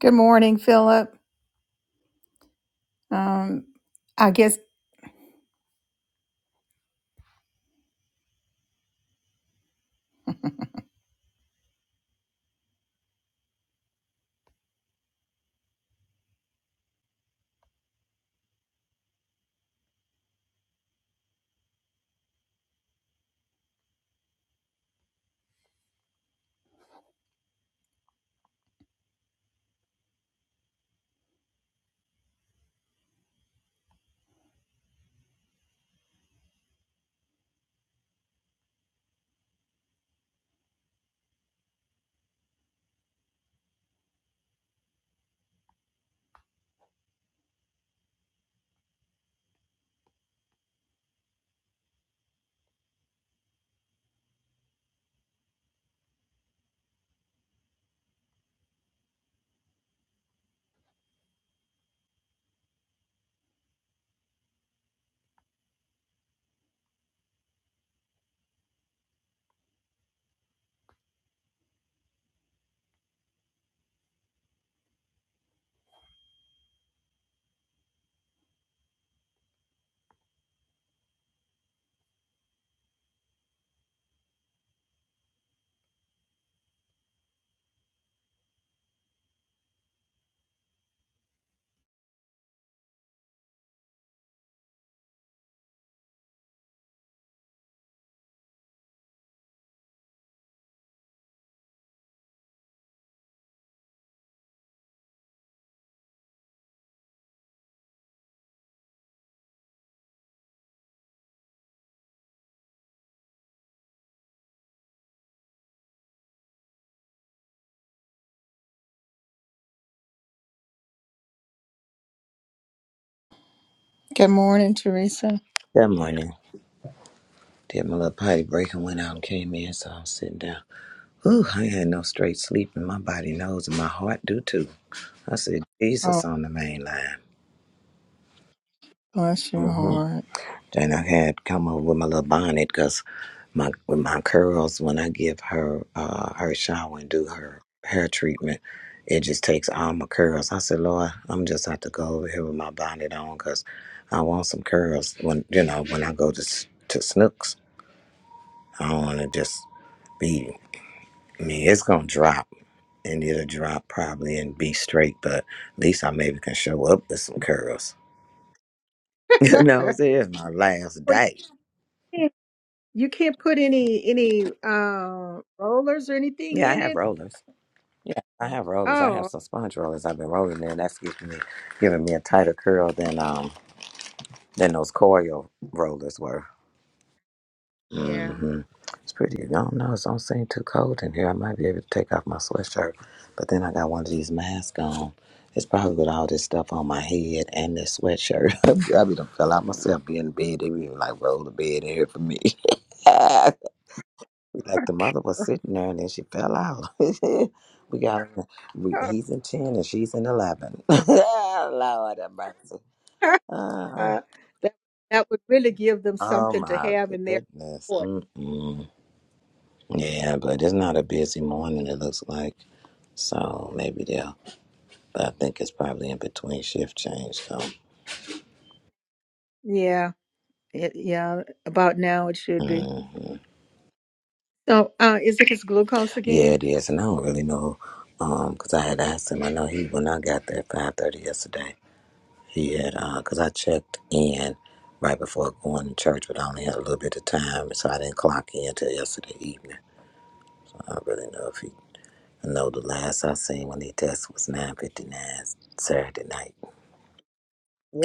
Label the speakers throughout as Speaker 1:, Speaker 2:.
Speaker 1: Good morning, Philip. Um, I guess Good morning, Teresa.
Speaker 2: Good morning. Did my little potty break and went out and came in, so I'm sitting down. Ooh, I ain't had no straight sleep, and my body knows, and my heart do too. I said,
Speaker 1: oh
Speaker 2: Jesus on the main line.
Speaker 1: bless your
Speaker 2: Mm-hmm.
Speaker 1: heart.
Speaker 2: Then I had come over with my little bonnet because my with my curls. When I give her uh, her shower and do her hair treatment, it just takes all my curls. I said, Lord, I'm just have to go over here with my bonnet on because I want some curls when you know when I go to s- to Snooks. I don't want to just be. I mean, it's gonna drop, and it'll drop probably and be straight. But at least I maybe can show up with some curls. You know, it's my last
Speaker 1: Well, you
Speaker 2: day.
Speaker 1: can't, you can't put any any uh, rollers or anything
Speaker 2: Yeah, I
Speaker 1: in
Speaker 2: have
Speaker 1: it.
Speaker 2: rollers. Yeah, I have rollers. I have
Speaker 1: Oh,
Speaker 2: some sponge rollers. I've been rolling in. That's giving me giving me a tighter curl than um than those coil rollers were.
Speaker 1: yeah.
Speaker 2: hmm It's pretty. I don't know. It don't seem too cold in here. I might be able to take off my sweatshirt, but then I got one of these masks on. It's probably with all this stuff on my head and this sweatshirt. I be done fell out myself. Be in bed. They be even like roll the bed in here for me. like the mother was sitting there and then she fell out. we got we, he's in ten and she's in eleven. Lord have mercy. Ah,
Speaker 1: that that would really give them
Speaker 2: oh
Speaker 1: something to
Speaker 2: my
Speaker 1: have in their
Speaker 2: goodness.
Speaker 1: report.
Speaker 2: Mm-mm. Yeah, but it's not a busy morning, it looks like. So maybe they'll, but I think it's probably in between shift change. So,
Speaker 1: Yeah, it, yeah. About now, it should be.
Speaker 2: mm,
Speaker 1: So, uh, is it his glucose
Speaker 2: yeah,
Speaker 1: again?
Speaker 2: it is. And I don't really know, um, 'cause I had asked him, I know he, when I got there at 5.30 yesterday, he had, uh 'cause I checked in right before going to church, but I only had a little bit of time, so I didn't clock in till yesterday evening. I don't really know if he, I know the last I seen when he tested was 9.59 Saturday night.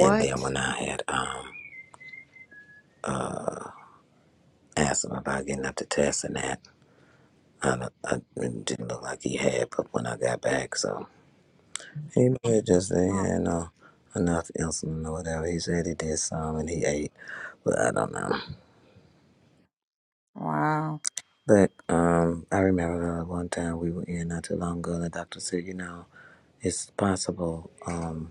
Speaker 2: And then when I had um uh, asked him about getting up to test and that. I, don't, I it didn't look like he had, but when I got back, so he may have just ain't
Speaker 1: Oh,
Speaker 2: had no enough insulin or whatever. He said he did some and he ate, but I don't know.
Speaker 1: wow.
Speaker 2: But um, I remember uh, one time we were in not too long ago, and the doctor said, you know, it's possible. Um,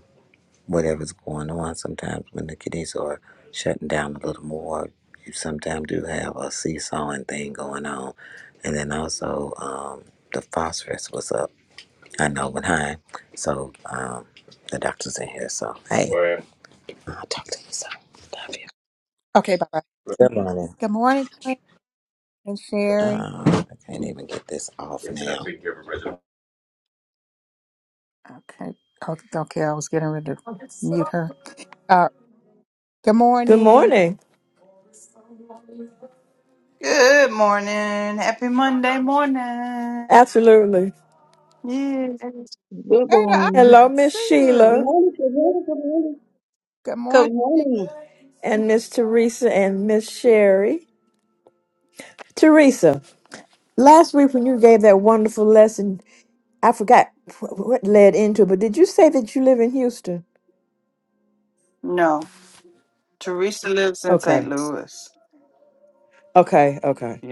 Speaker 2: whatever's going on. Sometimes when the kiddies are shutting down a little more, you sometimes do have a seesawing thing going on. And then also um, the phosphorus was up. I know when high, so um, the doctor's in here. So hey, Right. I'll talk to you soon. Love you.
Speaker 1: Okay, bye bye.
Speaker 2: Right. Good morning.
Speaker 1: Good morning, And Sherry?
Speaker 2: Um, I can't even get this off Yes, now.
Speaker 1: Okay. Oh, Okay, I was getting ready to mute her. Uh, good
Speaker 3: Good
Speaker 1: morning.
Speaker 3: morning.
Speaker 4: Good morning. Happy Monday morning.
Speaker 3: Absolutely.
Speaker 4: Yeah.
Speaker 5: Good
Speaker 1: Ada, I
Speaker 3: Hello,
Speaker 5: morning.
Speaker 1: didn't
Speaker 3: Miss
Speaker 1: see you.
Speaker 6: Good
Speaker 3: Sheila
Speaker 6: morning, good morning, good morning.
Speaker 1: Good morning.
Speaker 6: Good morning,
Speaker 3: and Miss Teresa and Miss Sherry. Teresa, last week when you gave that wonderful lesson, I forgot wh- what led into it, but did you say that you live in Houston?
Speaker 4: No, Teresa lives in
Speaker 3: Okay.
Speaker 4: St. Louis.
Speaker 3: Okay. Okay.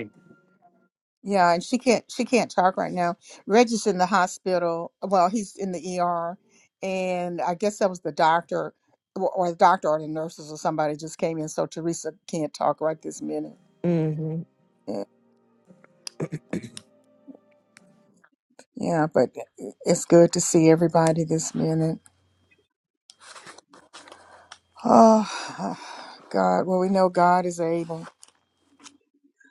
Speaker 1: Yeah, and she can't she can't talk right now. Reggie's in the hospital. Well, he's in the ER, and I guess that was the doctor or or the doctor or the nurses or somebody just came in, so Teresa can't talk right this minute.
Speaker 3: Mm-hmm.
Speaker 1: Yeah, yeah, but it's good to see everybody this minute. Oh, God. Well, we know God is able.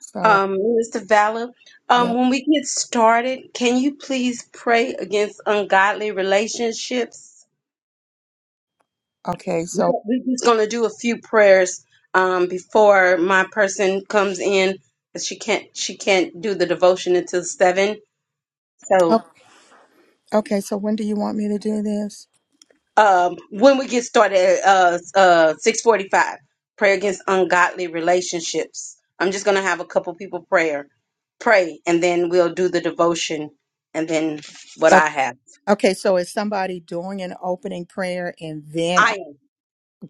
Speaker 1: So.
Speaker 6: um, Minister Valor. Um,
Speaker 1: Yeah.
Speaker 6: when we get started, can you please pray against ungodly relationships?
Speaker 1: Okay.
Speaker 6: We
Speaker 1: So,
Speaker 6: got- We're just going to do a few prayers um, before my person comes in. She can't she can't do the devotion until seven. So.
Speaker 1: o- okay. So, when do you want me to do this?
Speaker 6: um, when we get started at uh, uh, 645 prayer against ungodly relationships i'm just going to have a couple people prayer pray and then we'll do the devotion and then what
Speaker 1: Okay.
Speaker 6: i have
Speaker 1: Okay. So, is somebody doing an opening prayer and then
Speaker 6: i
Speaker 1: I
Speaker 6: am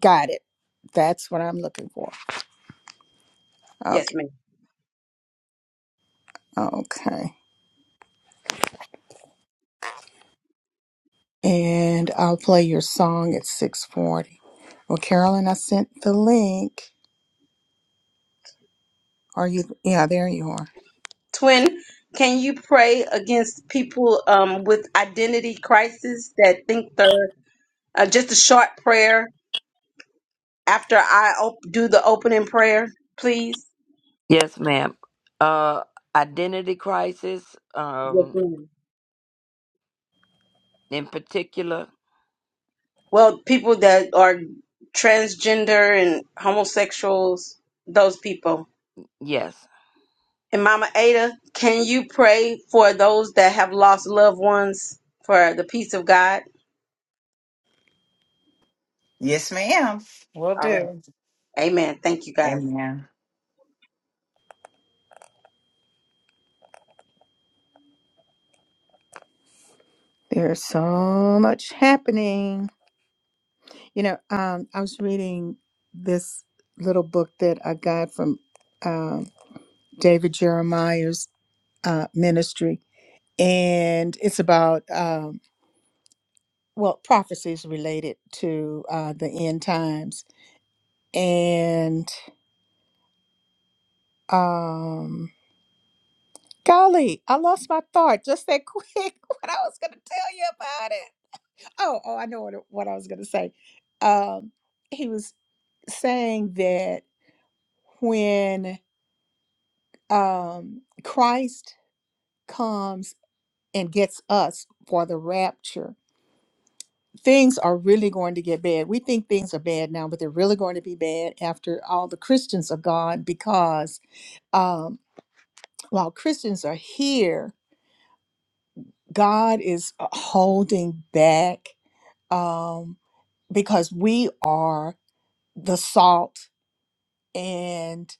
Speaker 1: got it? That's what I'm looking for.
Speaker 6: yes
Speaker 1: Okay.
Speaker 6: ma'am
Speaker 1: Okay. And I'll play your song at 6:40. Well, Carolyn, I sent the link. Are you? Yeah. There you are.
Speaker 6: twin can you pray against people um, with identity crisis that think they're uh, just a short prayer after i op- do the opening prayer please
Speaker 7: Yes, ma'am. Uh, identity crisis,
Speaker 6: yes
Speaker 7: um,
Speaker 6: ma'am
Speaker 7: in particular.
Speaker 6: Well, people that are transgender and homosexuals, those people.
Speaker 7: Yes.
Speaker 6: And Mama Ada, can you pray for those that have lost loved ones for the peace of God?
Speaker 4: Yes, ma'am. Will
Speaker 6: All
Speaker 4: do.
Speaker 6: right. Amen. Thank you guys.
Speaker 4: Amen.
Speaker 1: There's so much happening. You know, um, I was reading this little book that I got from um, David Jeremiah. uh, ministry, and it's about um, well prophecies related to uh, the end times. And um, golly, I lost my thought just that quick. What I was going to tell you about it? Oh, oh, I know what, what I was going to say. Um, he was saying that when um, Christ comes and gets us for the rapture things are really going to get bad. We think things are bad now, but they're really going to be bad after all the Christians are gone because um, while Christians are here, God is uh, holding back um, because we are the salt. and.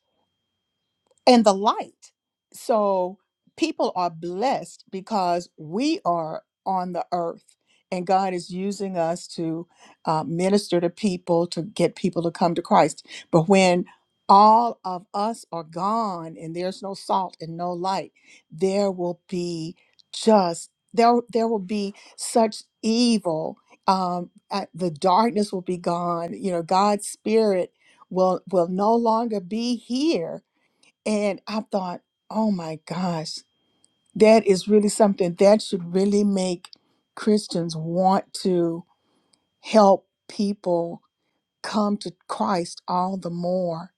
Speaker 1: and the light. So people are blessed because we are on the earth and God is using us to uh, minister to people, to get people to come to Christ. But when all of us are gone and there's no salt and no light, there will be just there there will be such evil um uh, the darkness will be gone you know god's spirit will will no longer be here and I thought, oh my gosh, that is really something that should really make Christians want to help people come to Christ all the more.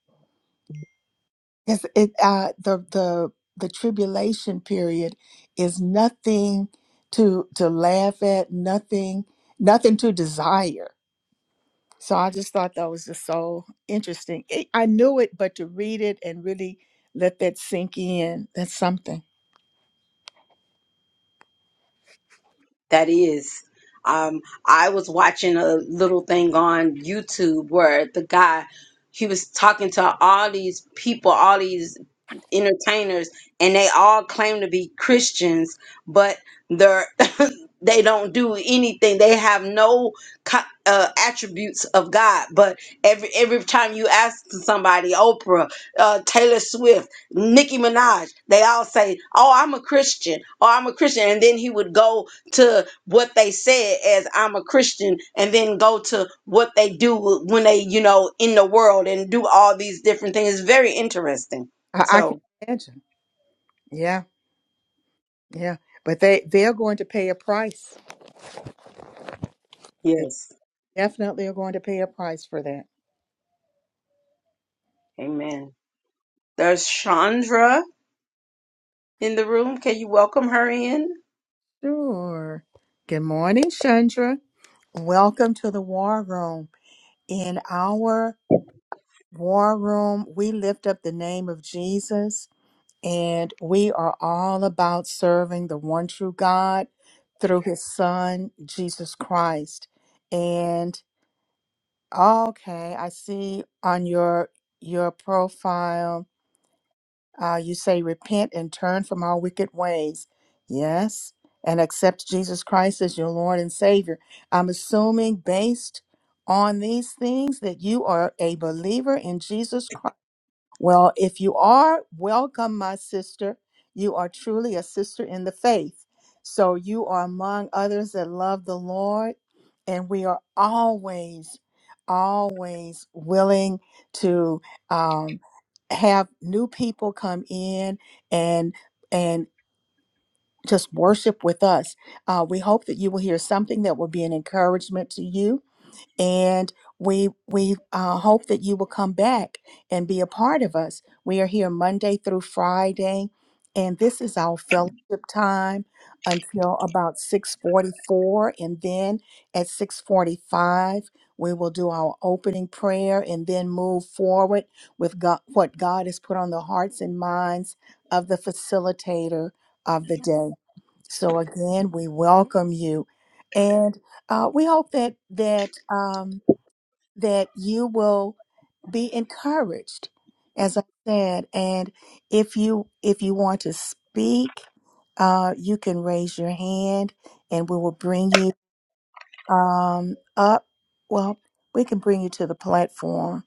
Speaker 1: It's, it, uh, the, the, the tribulation period is nothing to, to laugh at, nothing, nothing to desire. So I just thought that was just so interesting. It, I knew it, but to read it and really let that sink in, that's something.
Speaker 6: That is. Um, I was watching a little thing on YouTube where the guy he was talking to all these people, all these entertainers and they all claim to be Christians, but they're they don't do anything. They have no co- uh, attributes of God. But every every time you ask somebody, Oprah, uh, Taylor Swift, Nicki Minaj, they all say, "Oh, I'm a Christian," or "I'm a Christian," and then he would go to what they said as "I'm a Christian," and then go to what they do when they, you know, in the world and do all these different things. It's very interesting.
Speaker 1: I, I can
Speaker 6: So.
Speaker 1: imagine. Yeah, yeah. But they they're going to pay a price. They
Speaker 6: Yes.
Speaker 1: definitely are going to pay a price for that.
Speaker 6: Amen. There's Chandra in the room. Can you welcome her in?
Speaker 1: Sure. Good morning, Chandra. Welcome to the War Room. In our War Room, we lift up the name of Jesus, and we are all about serving the one true God through His Son, Jesus Christ. And okay, I see on your your profile Uh, you say, Repent and turn from our wicked ways. Yes. And accept Jesus Christ as your Lord and Savior. I'm assuming, based on these things, that you are a believer in Jesus Christ well, if you are, welcome, my sister. You are truly a sister in the faith. So you are among others that love the Lord, and we are always, always willing to um, have new people come in and and just worship with us. Uh, we hope that you will hear something that will be an encouragement to you and we we uh, hope that you will come back and be a part of us. We are here Monday through Friday, and this is our fellowship time until about six forty four, and then at six forty five we will do our opening prayer and then move forward with God, what God has put on the hearts and minds of the facilitator of the day. So again, we welcome you. Uh, we hope that that um, that you will be encouraged, as I said, and if you if you want to speak, uh, you can raise your hand, and we will bring you um, up. Well, we can bring you to the platform,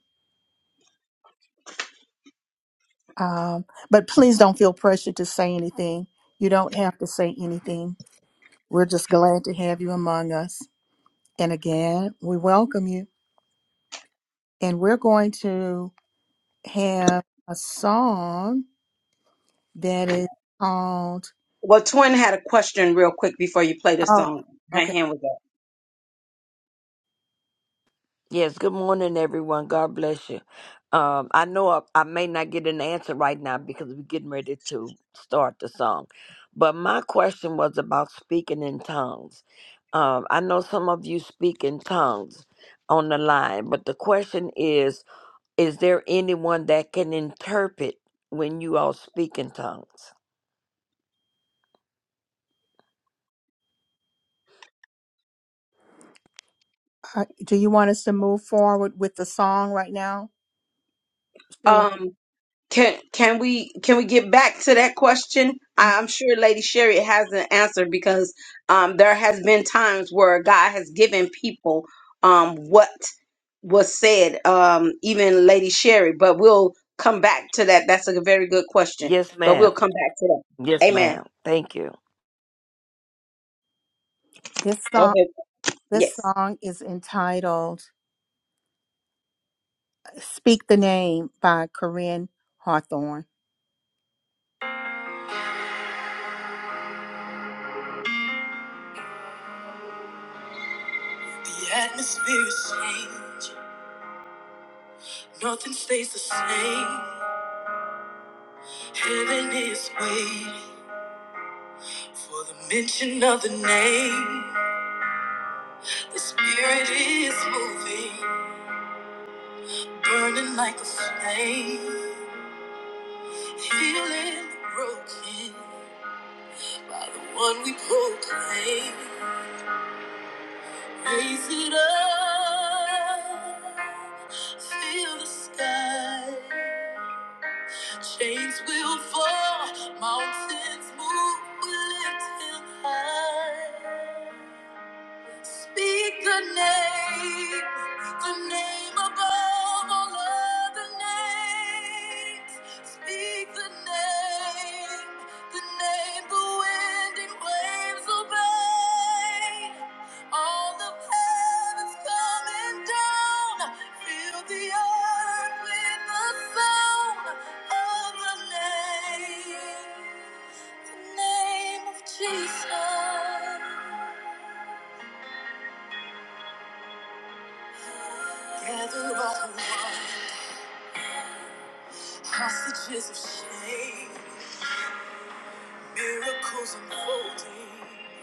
Speaker 1: um, but please don't feel pressured to say anything. You don't have to say anything. We're just glad to have you among us, and again, we welcome you. And we're going to. have a song that is called.
Speaker 6: Well, Twin had a question real quick before you play the
Speaker 1: Oh,
Speaker 6: song. Her
Speaker 1: okay.
Speaker 6: hand was
Speaker 7: Yes. Good morning, everyone. God bless you. Um, I know I, I may not get an answer right now because we're getting ready to start the song, but my question was about speaking in tongues. Um, I know some of you speak in tongues on the line, but the question is: Is there anyone that can interpret when you all speak in tongues?
Speaker 1: Uh, do you want us to move forward with the song right now, Sheila?
Speaker 6: up. Um, can can we can we get back to that question? I- I'm sure Lady Sherry has an answer because um, there has been times where God has given people um, what was said, um, even Lady Sherry. But we'll come back to that. That's a very good question.
Speaker 7: Yes,
Speaker 6: But
Speaker 7: ma'am.
Speaker 6: we'll come back to that.
Speaker 7: Yes,
Speaker 6: Amen.
Speaker 7: ma'am. Thank you.
Speaker 1: This
Speaker 6: Go
Speaker 1: song,
Speaker 6: ahead.
Speaker 1: this
Speaker 6: Yes.
Speaker 1: song is entitled "Speak the Name" by Corinne Hawthorne. The atmosphere is changing. Nothing stays the same. Heaven is waiting for the mention of the name. The spirit is moving. burning like a flame, healing the broken by the one we proclaim. Raise it up, feel the sky. Chains will fall, mountains move, we lift him high. Speak the name, the name above all other names. Speak the name, the name the wind and waves obey. All of heaven's coming down. Fill the earth with the sound of the name, the name of Jesus. Gather all night, hostages of shame, miracles unfolding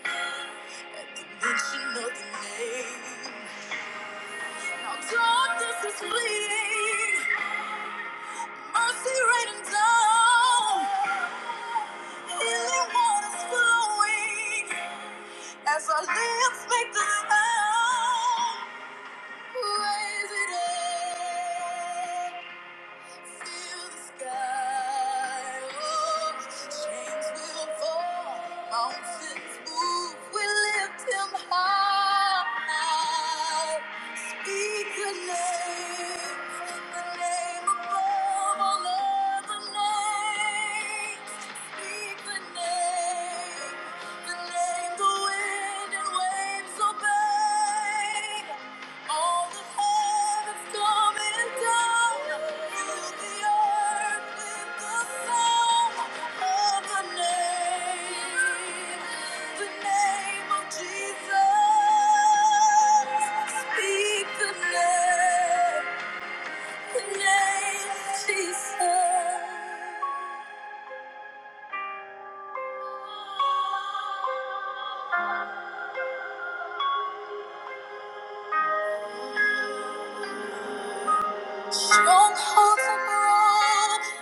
Speaker 1: at the mention of the name. Now darkness is fleeing, mercy raining down, healing waters flowing. As our lips make the sound, raise it up. Speak the name, the name the wind and waves obey. All of heaven's coming down fill the earth with the sound of the name, the name of Jesus. Speak the name, the name of Jesus. Strongholds are broken.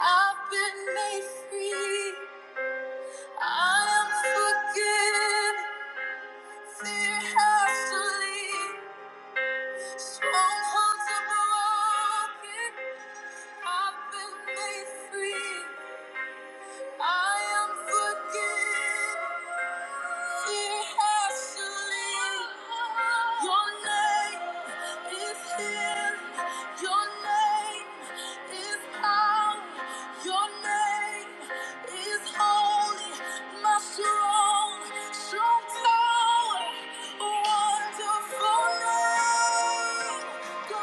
Speaker 1: I've been made free. I am forgiven. Fear has to leave. Strongholds are broken. I've been made free. I am forgiven. He has to live. Your name is healing. Your name is power. Your name is holy. My strong, strong tower. Wonderful name. Thank you.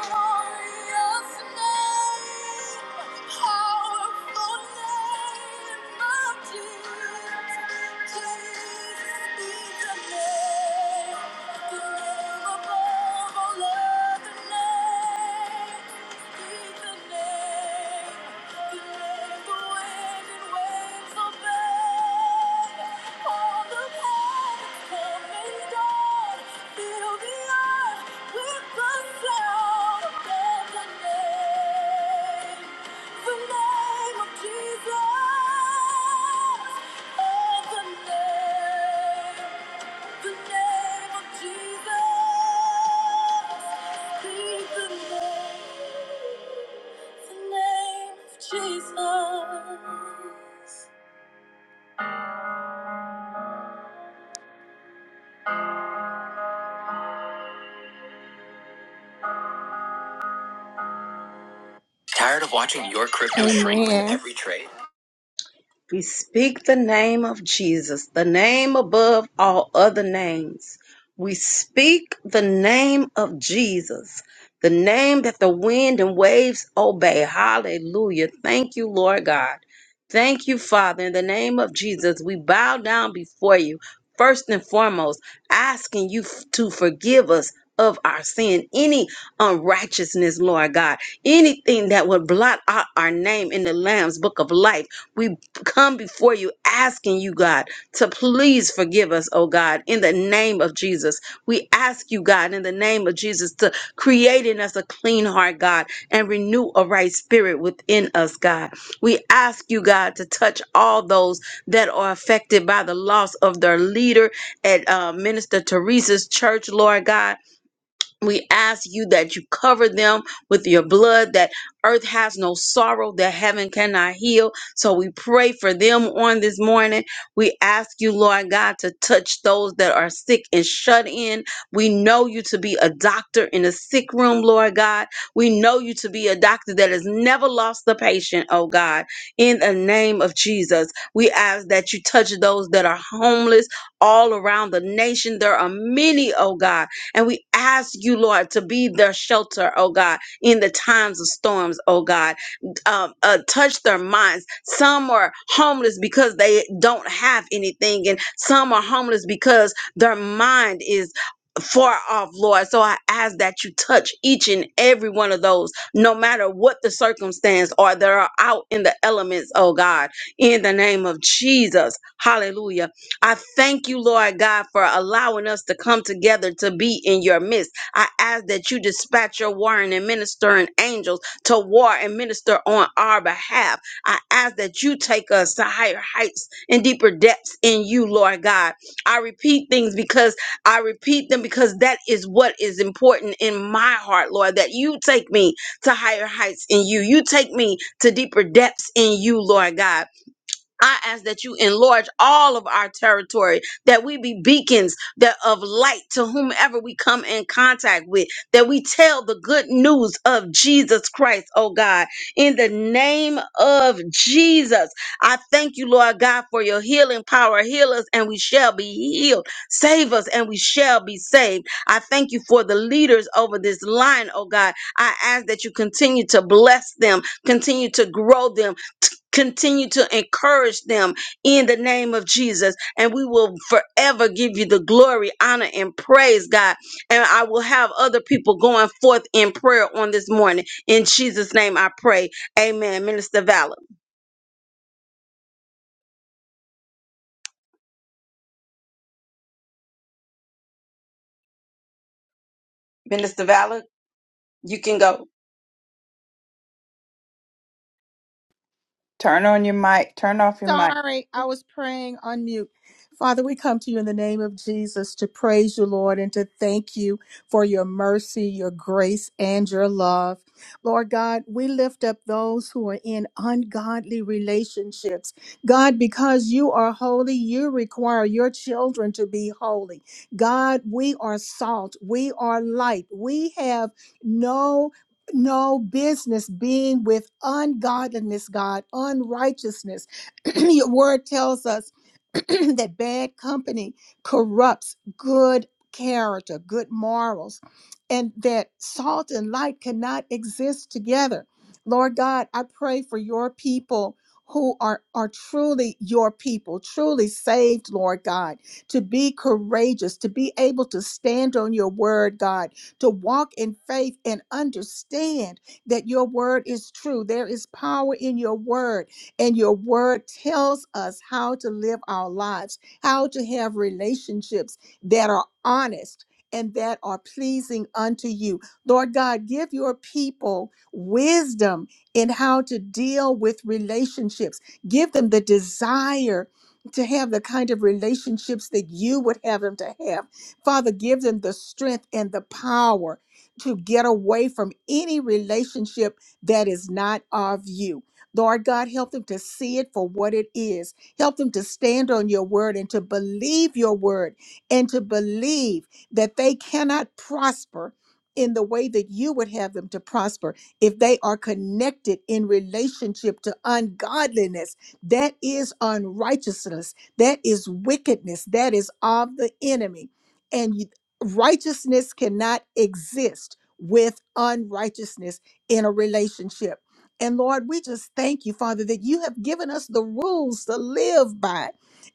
Speaker 1: Jesus, oh, the name. The name of Jesus. Speak the name. The name of Jesus. Tired of watching your crypto shrink with Amen. every trade?
Speaker 6: We speak the name of Jesus, the name above all other names. We speak the name of Jesus, the name that the wind and waves obey. Hallelujah. Thank you, Lord God. Thank you, Father. In the name of Jesus, we bow down before you, first and foremost, asking you f- to forgive us. Of our sin, any unrighteousness, Lord God, anything that would blot out our name in the Lamb's book of life. We come before you asking you, God, to please forgive us, oh God, in the name of Jesus. We ask you, God, in the name of Jesus, to create in us a clean heart, God, and renew a right spirit within us, God. We ask you, God, to touch all those that are affected by the loss of their leader at uh, Minister Teresa's church, Lord God. We ask you that you cover them with your blood, that earth has no sorrow, that heaven cannot heal. So we pray for them on this morning. We ask you, Lord God, to touch those that are sick and shut in. We know you to be a doctor in a sick room, Lord God. We know you to be a doctor that has never lost the patient, oh God. In the name of Jesus, we ask that you touch those that are homeless all around the nation. There are many, oh God and we ask you, Lord, to be their shelter, oh God, in the times of storms, oh God. Um, uh, touch their minds. Some are homeless because they don't have anything, and some are homeless because their mind is far off, Lord. So I ask that you touch each and every one of those, no matter what the circumstance or that are out in the elements, oh God, in the name of Jesus. Hallelujah. I thank you, Lord God, for allowing us to come together to be in your midst. I ask that you dispatch your warring and ministering angels to war and minister on our behalf. I ask that you take us to higher heights and deeper depths in you, Lord God. I repeat things because I repeat them because that is what is important in my heart, Lord, that you take me to higher heights in you. You take me to deeper depths in you, Lord God. I ask that you enlarge all of our territory, that we be beacons that of light to whomever we come in contact with, that we tell the good news of Jesus Christ, oh God. In the name of Jesus, I thank you, Lord God, for your healing power. Heal us and we shall be healed. Save us and we shall be saved. I thank you for the leaders over this line, oh God. I ask that you continue to bless them, continue to grow them, Continue to encourage them in the name of Jesus. And we will forever give you the glory, honor, and praise, God. And I will have other people going forth in prayer on this morning. In Jesus' name I pray. Amen. Minister Valor. Minister Valor, you can go.
Speaker 4: Turn on your mic. Turn off your mic.
Speaker 1: Sorry, I was praying on mute. Father, we come to you in the name of Jesus to praise you, Lord, and to thank you for your mercy, your grace, and your love. Lord God, we lift up those who are in ungodly relationships. God, because you are holy, you require your children to be holy. God, we are salt, we are light, we have no no business being with ungodliness, God, unrighteousness. Your word tells us that bad company corrupts good character, good morals, and that salt and light cannot exist together. Lord God, I pray for your people who are, are truly your people, truly saved, Lord God, to be courageous, to be able to stand on your word, God, to walk in faith and understand that your word is true. There is power in your word and your word tells us how to live our lives, how to have relationships that are honest and that are pleasing unto you. Lord God, give your people wisdom in how to deal with relationships, give them the desire. To have the kind of relationships that you would have them to have. Father, give them the strength and the power to get away from any relationship that is not of you. Lord God, help them to see it for what it is. Help them to stand on your word and to believe your word and to believe that they cannot prosper in the way that you would have them to prosper if they are connected in relationship to ungodliness. That is unrighteousness. That is wickedness. That is of the enemy. And you- righteousness cannot exist with unrighteousness in a relationship. And Lord, we just thank you, Father, that you have given us the rules to live by.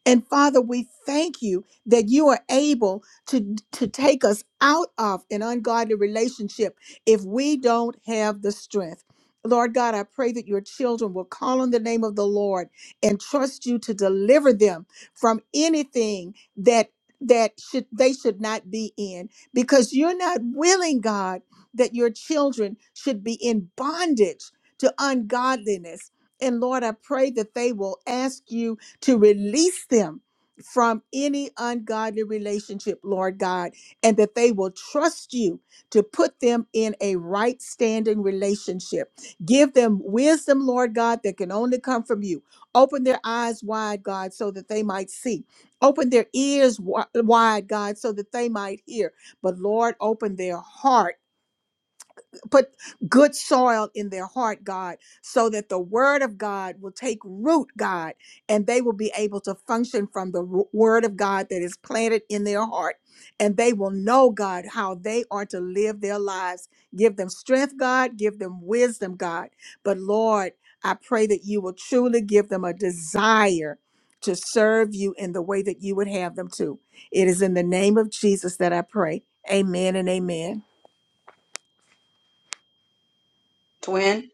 Speaker 1: And Father, we thank you that you are able to, to take us out of an ungodly relationship if we don't have the strength. Lord God, I pray that your children will call on the name of the Lord and trust you to deliver them from anything that that should they should not be in because you're not willing, God, that your children should be in bondage to ungodliness. And Lord, I pray that they will ask you to release them from any ungodly relationship, Lord God, and that they will trust you to put them in a right standing relationship. Give them wisdom, Lord God, that can only come from you. Open their eyes wide, God, so that they might see. Open their ears wi- wide, God, so that they might hear. But Lord, open their heart put good soil in their heart, God, so that the word of God will take root, God, and they will be able to function from the wo- word of God that is planted in their heart. And they will know, God, how they are to live their lives. Give them strength, God. Give them wisdom, God. But Lord, I pray that you will truly give them a desire to serve you in the way that you would have them to. It is in the name of Jesus that I pray. Amen and amen.
Speaker 6: Twin,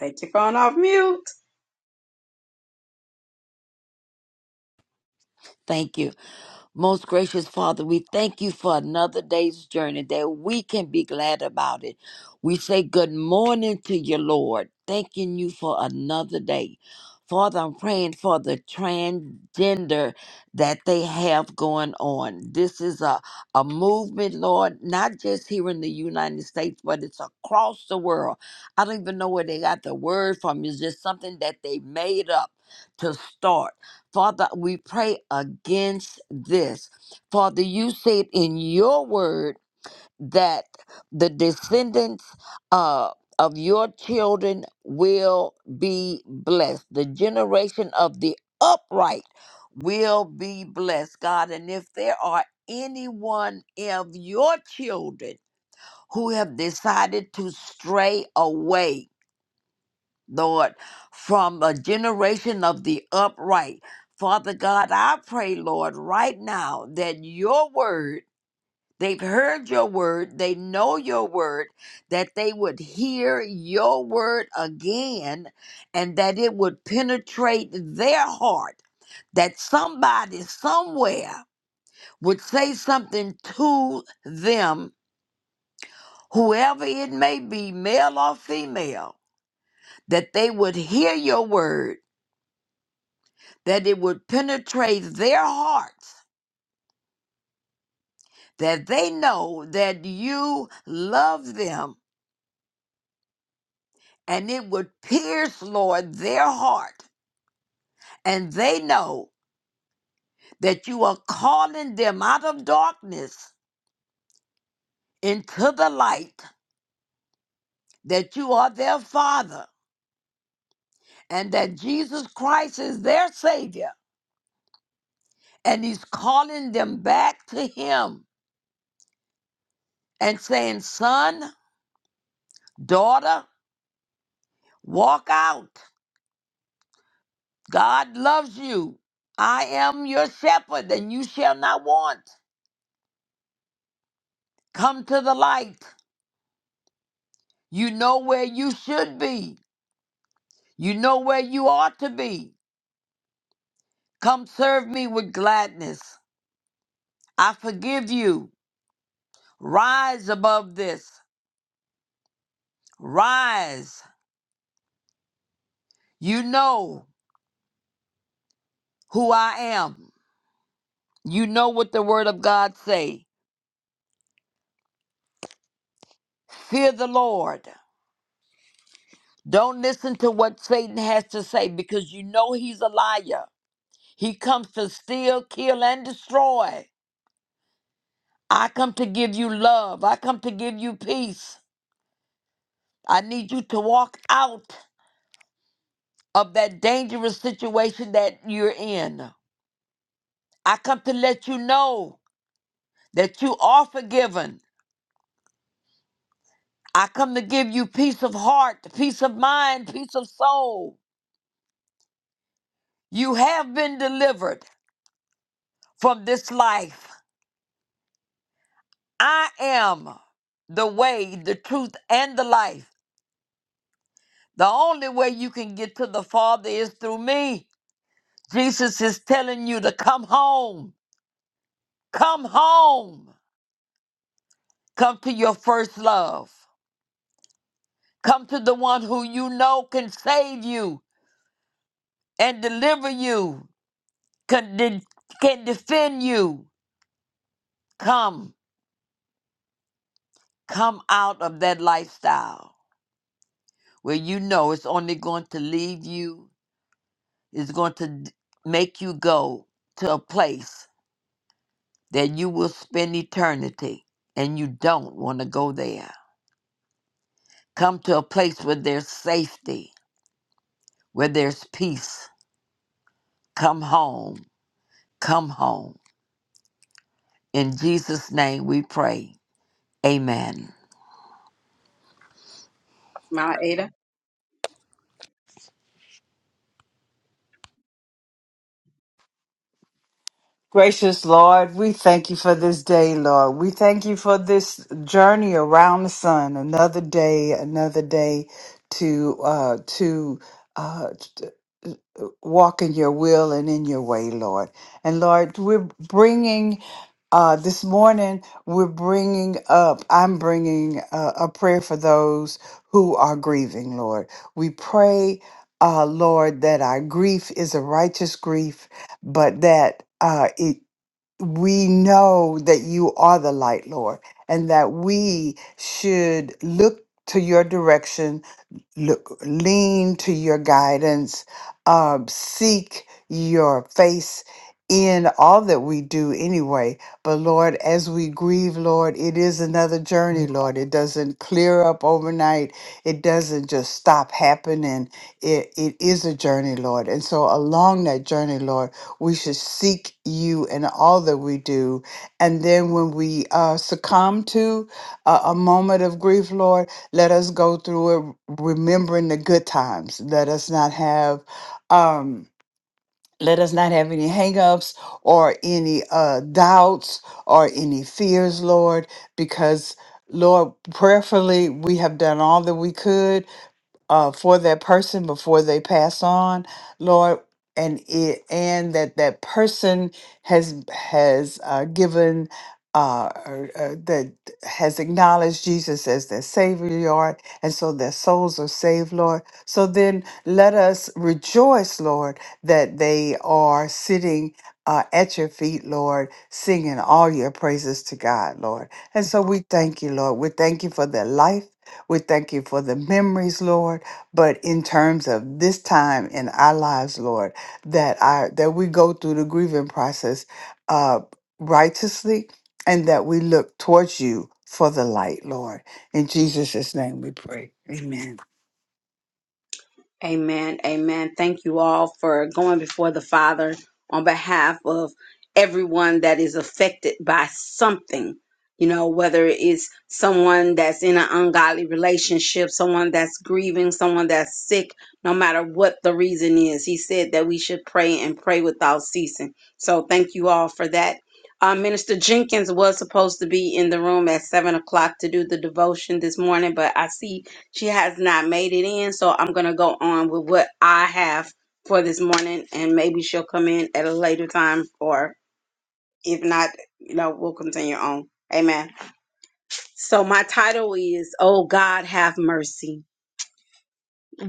Speaker 6: take your phone off mute.
Speaker 7: Thank you. Most gracious Father, we thank you for another day's journey that we can be glad about it. We say good morning to you, Lord, thanking you for another day. Father, I'm praying for the transgender that they have going on. This is a, a movement, Lord, not just here in the United States, but it's across the world. I don't even know where they got the word from. It's just something that they made up to start. Father, we pray against this. Father, you said in your word that the descendants uh, of your children will be blessed. The generation of the upright will be blessed, God. And if there are anyone of your children who have decided to stray away, Lord, from a generation of the upright. Father God, I pray, Lord, right now that your word, they've heard your word, they know your word, that they would hear your word again and that it would penetrate their heart, that somebody somewhere would say something to them, whoever it may be, male or female, that they would hear your word that it would penetrate their hearts, that they know that you love them, and it would pierce, Lord, their heart, and they know that you are calling them out of darkness into the light, that you are their Father, and that Jesus Christ is their Savior, and He's calling them back to Him and saying, Son, daughter, walk out. God loves you. I am your shepherd, and you shall not want. Come to the light. You know where you should be. You know where you ought to be. Come serve me with gladness. I forgive you. Rise above this. Rise. You know who I am. You know what the word of God say. Fear the Lord. Don't listen to what Satan has to say because you know he's a liar. He comes to steal, kill, and destroy. I come to give you love. I come to give you peace. I need you to walk out of that dangerous situation that you're in. I come to let you know that you are forgiven. I come to give you peace of heart, peace of mind, peace of soul. You have been delivered from this life. I am the way, the truth, and the life. The only way you can get to the Father is through me. Jesus is telling you to come home. Come home. Come to your first love. Come to the one who you know can save you and deliver you, can, de- can defend you. Come. Come out of that lifestyle where you know it's only going to leave you, it's going to d- make you go to a place that you will spend eternity and you don't want to go there. Come to a place where there's safety, where there's peace. Come home. Come home. In Jesus' name we pray. Amen.
Speaker 6: My Ada.
Speaker 4: Gracious Lord, we thank you for this day, Lord. We thank you for this journey around the sun. Another day, another day to uh to uh t- uh, walk in your will and in your way, Lord. And Lord, we're bringing Uh, this morning, we're bringing up, I'm bringing uh, a prayer for those who are grieving, Lord. We pray, uh, Lord, that our grief is a righteous grief, but that uh, it we know that you are the light, Lord, and that we should look to your direction look, lean to your guidance, um, seek your face in all that we do anyway. But Lord, as we grieve, Lord, it is another journey, Lord. It doesn't clear up overnight, it doesn't just stop happening. It, it is a journey, Lord. And so, along that journey, Lord, we should seek you in all that we do. And then, when we uh, succumb to a, a moment of grief, Lord, let us go through it remembering the good times. Let us not have um let us not have any hangups or any uh doubts or any fears, Lord, because Lord, prayerfully we have done all that we could uh, for that person before they pass on, Lord, and it and that that person has has uh, given uh, or, uh, that has acknowledged Jesus as their Savior, Lord, and so their souls are saved, Lord. So then let us rejoice, Lord, that they are sitting. Uh, at your feet, Lord, singing all your praises to God, Lord. And so we thank you, Lord. We thank you for their life. We thank you for the memories, Lord but in terms of this time in our lives lord that i that we go through the grieving process uh righteously and that we look towards you for the light lord in jesus' name we pray amen
Speaker 6: Amen. Amen. Thank you all for going before the Father on behalf of everyone that is affected by something. You know, whether it's someone that's in an ungodly relationship, someone that's grieving, someone that's sick, no matter what the reason is. He said that we should pray and pray without ceasing. So thank you all for that. Uh, Minister Jenkins was supposed to be in the room at 7 o'clock to do the devotion this morning, but I see she has not made it in, so I'm going to go on with what I have for this morning, and maybe she'll come in at a later time, or if not, you know, we'll continue on. Amen. So, my title is, Oh God, have mercy.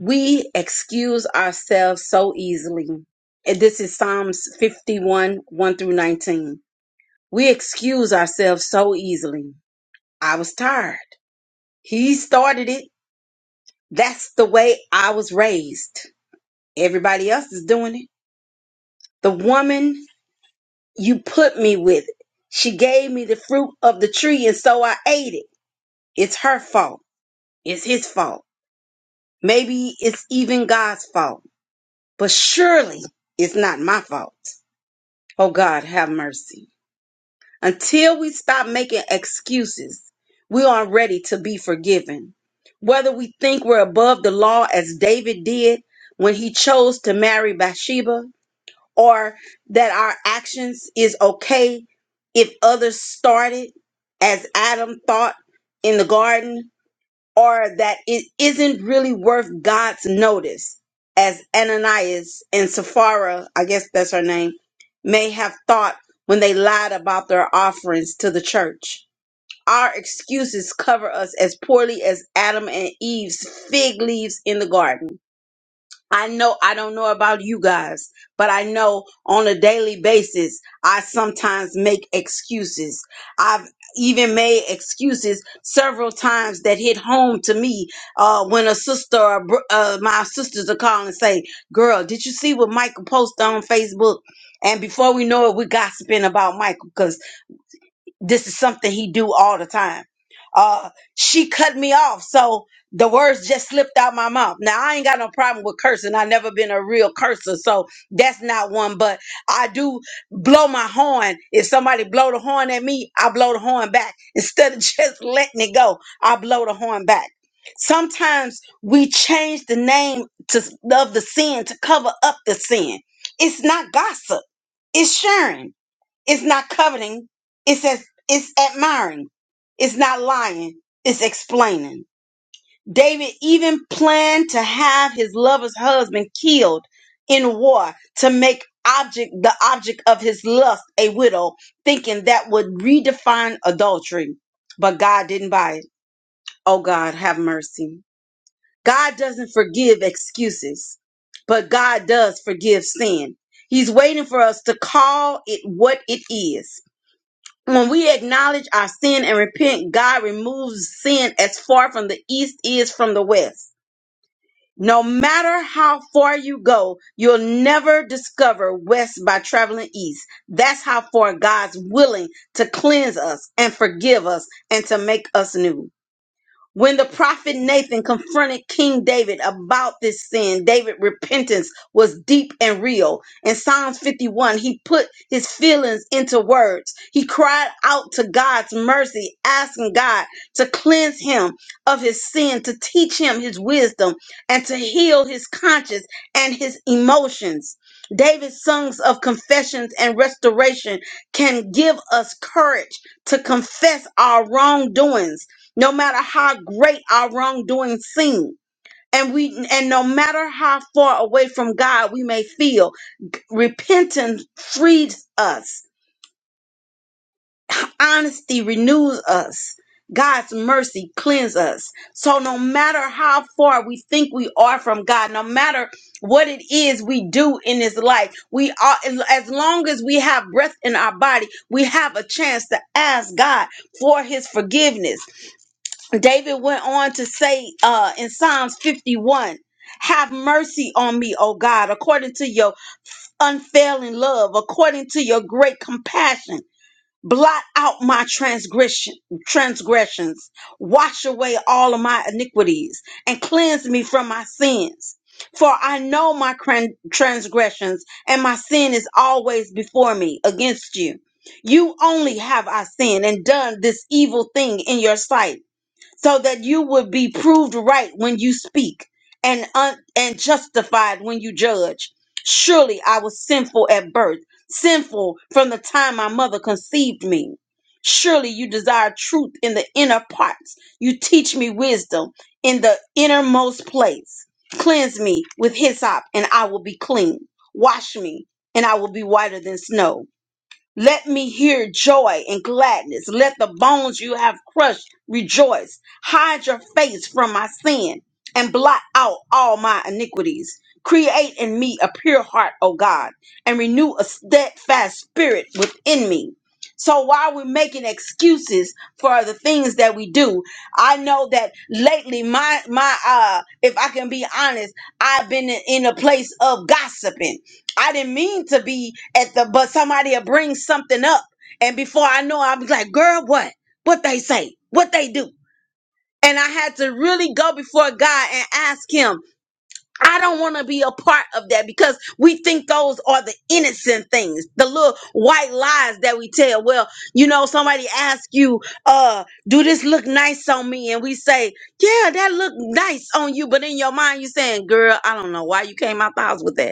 Speaker 6: We excuse ourselves so easily. And This is Psalms 51 1 through 19. We excuse ourselves so easily. I was tired. He started it. That's the way I was raised. Everybody else is doing it. The woman you put me with, she gave me the fruit of the tree and so I ate it. It's her fault. It's his fault. Maybe it's even God's fault, but surely it's not my fault. Oh God, have mercy. Until we stop making excuses, we are ready to be forgiven. Whether we think we're above the law as David did when he chose to marry Bathsheba, or that our actions is okay if others started as Adam thought in the garden, or that it isn't really worth God's notice, as Ananias and Sapphira, I guess that's her name, may have thought when they lied about their offerings to the church. Our excuses cover us as poorly as Adam and Eve's fig leaves in the garden I know I don't know about you guys, but I know on a daily basis I sometimes make excuses. I've even made excuses several times that hit home to me uh, when a sister or br- uh, my sisters are calling and say, "Girl, did you see what Michael posted on Facebook?" And before we know it, we're gossiping about Michael this is something he do all the time. Uh, she cut me off, so the words just slipped out my mouth. Now I ain't got no problem with cursing. I never been a real cursor, so that's not one. But I do blow my horn. If somebody blow the horn at me, I blow the horn back instead of just letting it go. I blow the horn back. Sometimes we change the name to, of the sin to cover up the sin. It's not gossip. It's sharing. It's not coveting. It says it's admiring. It's not lying. It's explaining. David even planned to have his lover's husband killed in war to make object the object of his lust a widow, thinking that would redefine adultery. But God didn't buy it. Oh God, have mercy. God doesn't forgive excuses, but God does forgive sin. He's waiting for us to call it what it is when we acknowledge our sin and repent, God removes sin as far from the east is from the west. No matter how far you go, you'll never discover west by traveling east. That's how far God's willing to cleanse us and forgive us and to make us new. When the prophet Nathan confronted King David about this sin, David's repentance was deep and real. In Psalms 51, he put his feelings into words. He cried out to God's mercy, asking God to cleanse him of his sin, to teach him his wisdom, and to heal his conscience and his emotions. David's songs of confessions and restoration can give us courage to confess our wrongdoings no matter how great our wrongdoing seems. And we and no matter how far away from God we may feel, repentance frees us. Honesty renews us. God's mercy cleanses us. So no matter how far we think we are from God, no matter what it is we do in this life, we are as long as we have breath in our body, we have a chance to ask God for his forgiveness David went on to say uh, in Psalms 51 Have mercy on me, O God, according to your unfailing love, according to your great compassion. Blot out my transgression, transgressions, wash away all of my iniquities, and cleanse me from my sins. For I know my cran- transgressions, and my sin is always before me against you. You only have I sinned and done this evil thing in your sight so that you would be proved right when you speak and un- and justified when you judge. Surely I was sinful at birth, sinful from the time my mother conceived me. Surely you desire truth in the inner parts. You teach me wisdom in the innermost place. Cleanse me with hyssop, and I will be clean. Wash me, and I will be whiter than snow. Let me hear joy and gladness. Let the bones you have crushed rejoice. Hide your face from my sin and blot out all my iniquities. Create in me a pure heart, O God, and renew a steadfast spirit within me. So while we're making excuses for the things that we do, I know that lately my my uh if I can be honest, I've been in in a place of gossiping. I didn't mean to be at the, but somebody will bring something up. And before I know, I'll be like, girl, what? What they say? What they do? And I had to really go before God and ask Him, I don't want to be a part of that because we think those are the innocent things, the little white lies that we tell. Well, you know, somebody asks you, uh, do this look nice on me? And we say, yeah, that look nice on you. But in your mind, you're saying, girl, I don't know why you came out the house with that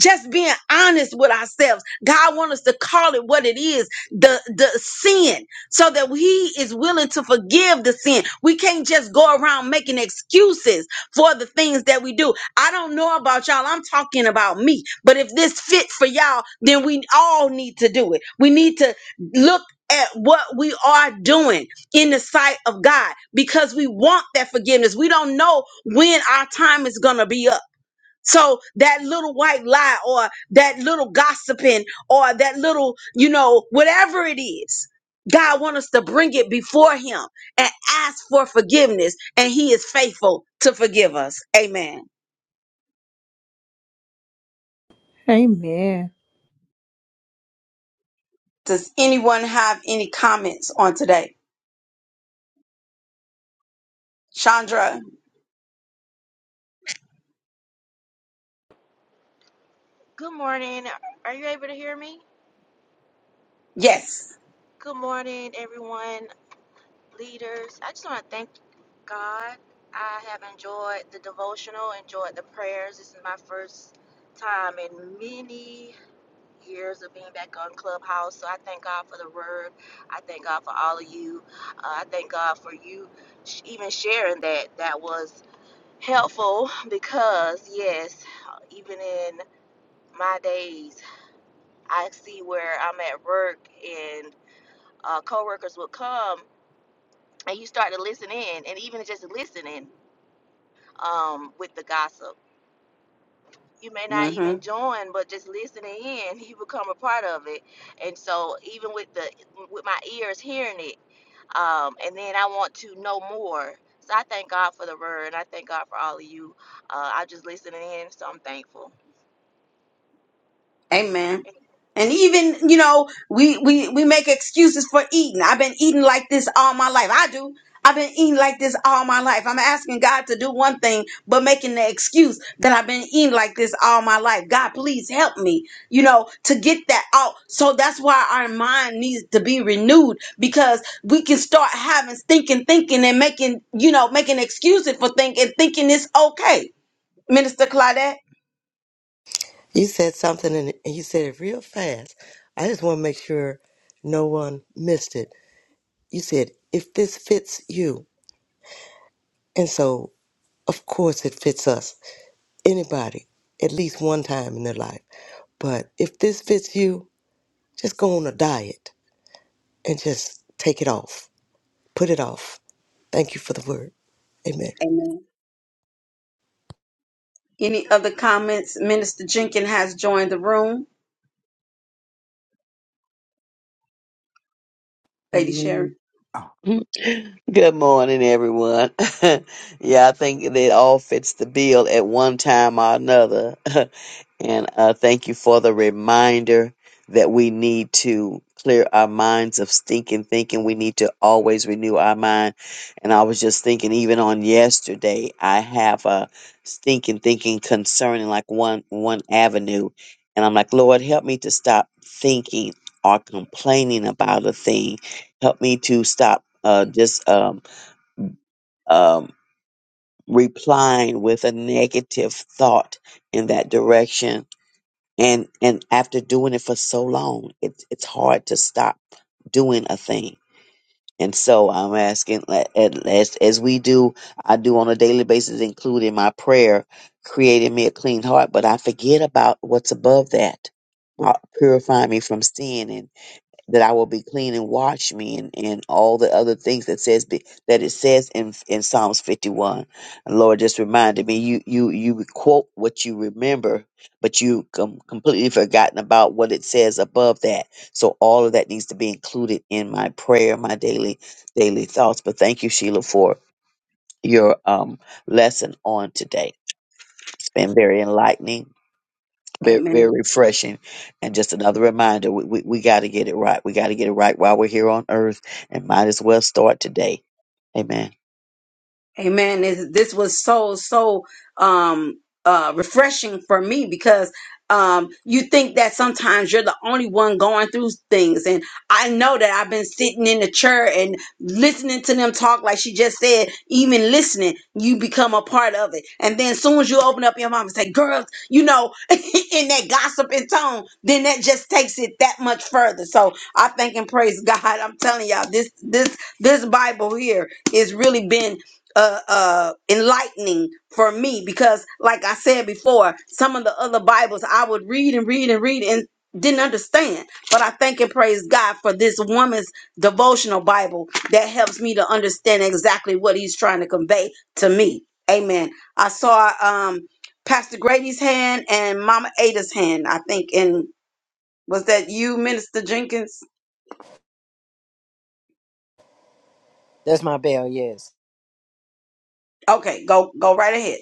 Speaker 6: just being honest with ourselves god wants us to call it what it is the the sin so that he is willing to forgive the sin we can't just go around making excuses for the things that we do i don't know about y'all i'm talking about me but if this fits for y'all then we all need to do it we need to look at what we are doing in the sight of God because we want that forgiveness. We don't know when our time is going to be up. So that little white lie or that little gossiping or that little, you know, whatever it is, God wants us to bring it before him and ask for forgiveness and he is faithful to forgive us. Amen.
Speaker 1: Amen.
Speaker 6: Does anyone have any comments on today? Chandra?
Speaker 8: Good morning. Are you able to hear me?
Speaker 6: Yes.
Speaker 8: Good morning, everyone, leaders. I just want to thank God. I have enjoyed the devotional, enjoyed the prayers. This is my first time in many years of being back on Clubhouse. So I thank God for the word. I thank God for all of you. Uh, I thank God for you sh- even sharing that. That was helpful because, yes, even in my days, I see where I'm at work and. uh, coworkers would come and you start to listen in and even just listening um, with the gossip you may not
Speaker 6: Mm-hmm.
Speaker 8: even join but just listening in you become a part of it and so even with the with my ears hearing it um, and then i want to know more so i thank god for the word and i thank god for all of you uh, i just listening in so i'm thankful
Speaker 6: Amen. And even, you know, we, we, we make excuses for eating. I've been eating like this all my life. I do. I've been eating like this all my life. I'm asking God to do one thing, but making the excuse that I've been eating like this all my life. God, please help me, you know, to get that out. So that's why our mind needs to be renewed because we can start having thinking, thinking, and making, you know, making excuses for thinking, thinking it's okay. Minister Claudette.
Speaker 9: You said something and and you said it real fast. I just want to make sure no one missed it. You said, if this fits you. And so, of course, it fits us. Anybody, at least one time in their life. But if this fits you, just go on a diet and just take it off. Put it off. Thank you for the word. Amen.
Speaker 6: Amen. Any other comments? Minister Jenkins has joined the room. Lady Sharon.
Speaker 5: Amen.
Speaker 4: oh.
Speaker 5: Good morning, everyone. yeah, I think it all fits the bill at one time or another. And uh, thank you for the reminder that we need to clear our minds of stinking thinking. We need to always renew our mind. And I was just thinking, even on yesterday, I have a stinking thinking concerning like one one avenue, and I'm like, Lord, help me to stop thinking or complaining about a thing. Help me to stop uh, just um, um, replying with a negative thought in that direction and and after doing it for so long, it, it's hard to stop doing a thing. And so I'm asking, a- a- as as we do, I do on a daily basis, including my prayer, creating me a clean heart. But I forget about what's above that, uh, purifying me from sin, that I will be clean and wash me and, and all the other things that says be, that it says in in Psalms 51. And Lord just reminded me you you you quote what you remember, but you com- completely forgotten about what it says above that. So all of that needs to be included in my prayer, my daily daily thoughts. But thank you Sheila for your um lesson on today. It's been very enlightening very,
Speaker 6: Amen.
Speaker 5: very refreshing and just another reminder we, we, we got to get it right we got to get it right while we're here on earth and might as well start today amen
Speaker 6: Amen. This this was so so um uh refreshing for me because um you think that sometimes you're the only one going through things and I know that I've been sitting in the chair and listening to them talk like she just said even listening you become a part of it and then as soon as you open up your mouth and say girls you know in that gossiping tone then that just takes it that much further so I thank and praise God I'm telling y'all this this this Bible here is really been uh, uh, enlightening for me because, like I said before, some of the other Bibles I would read and read and read and didn't understand. But I thank and praise God for this woman's devotional Bible that helps me to understand exactly what he's trying to convey to me. Amen. I saw um, Pastor Grady's hand and Mama Ada's hand, I think. And was that you, Minister Jenkins?
Speaker 10: That's my bell, yes.
Speaker 6: Okay, go go right ahead.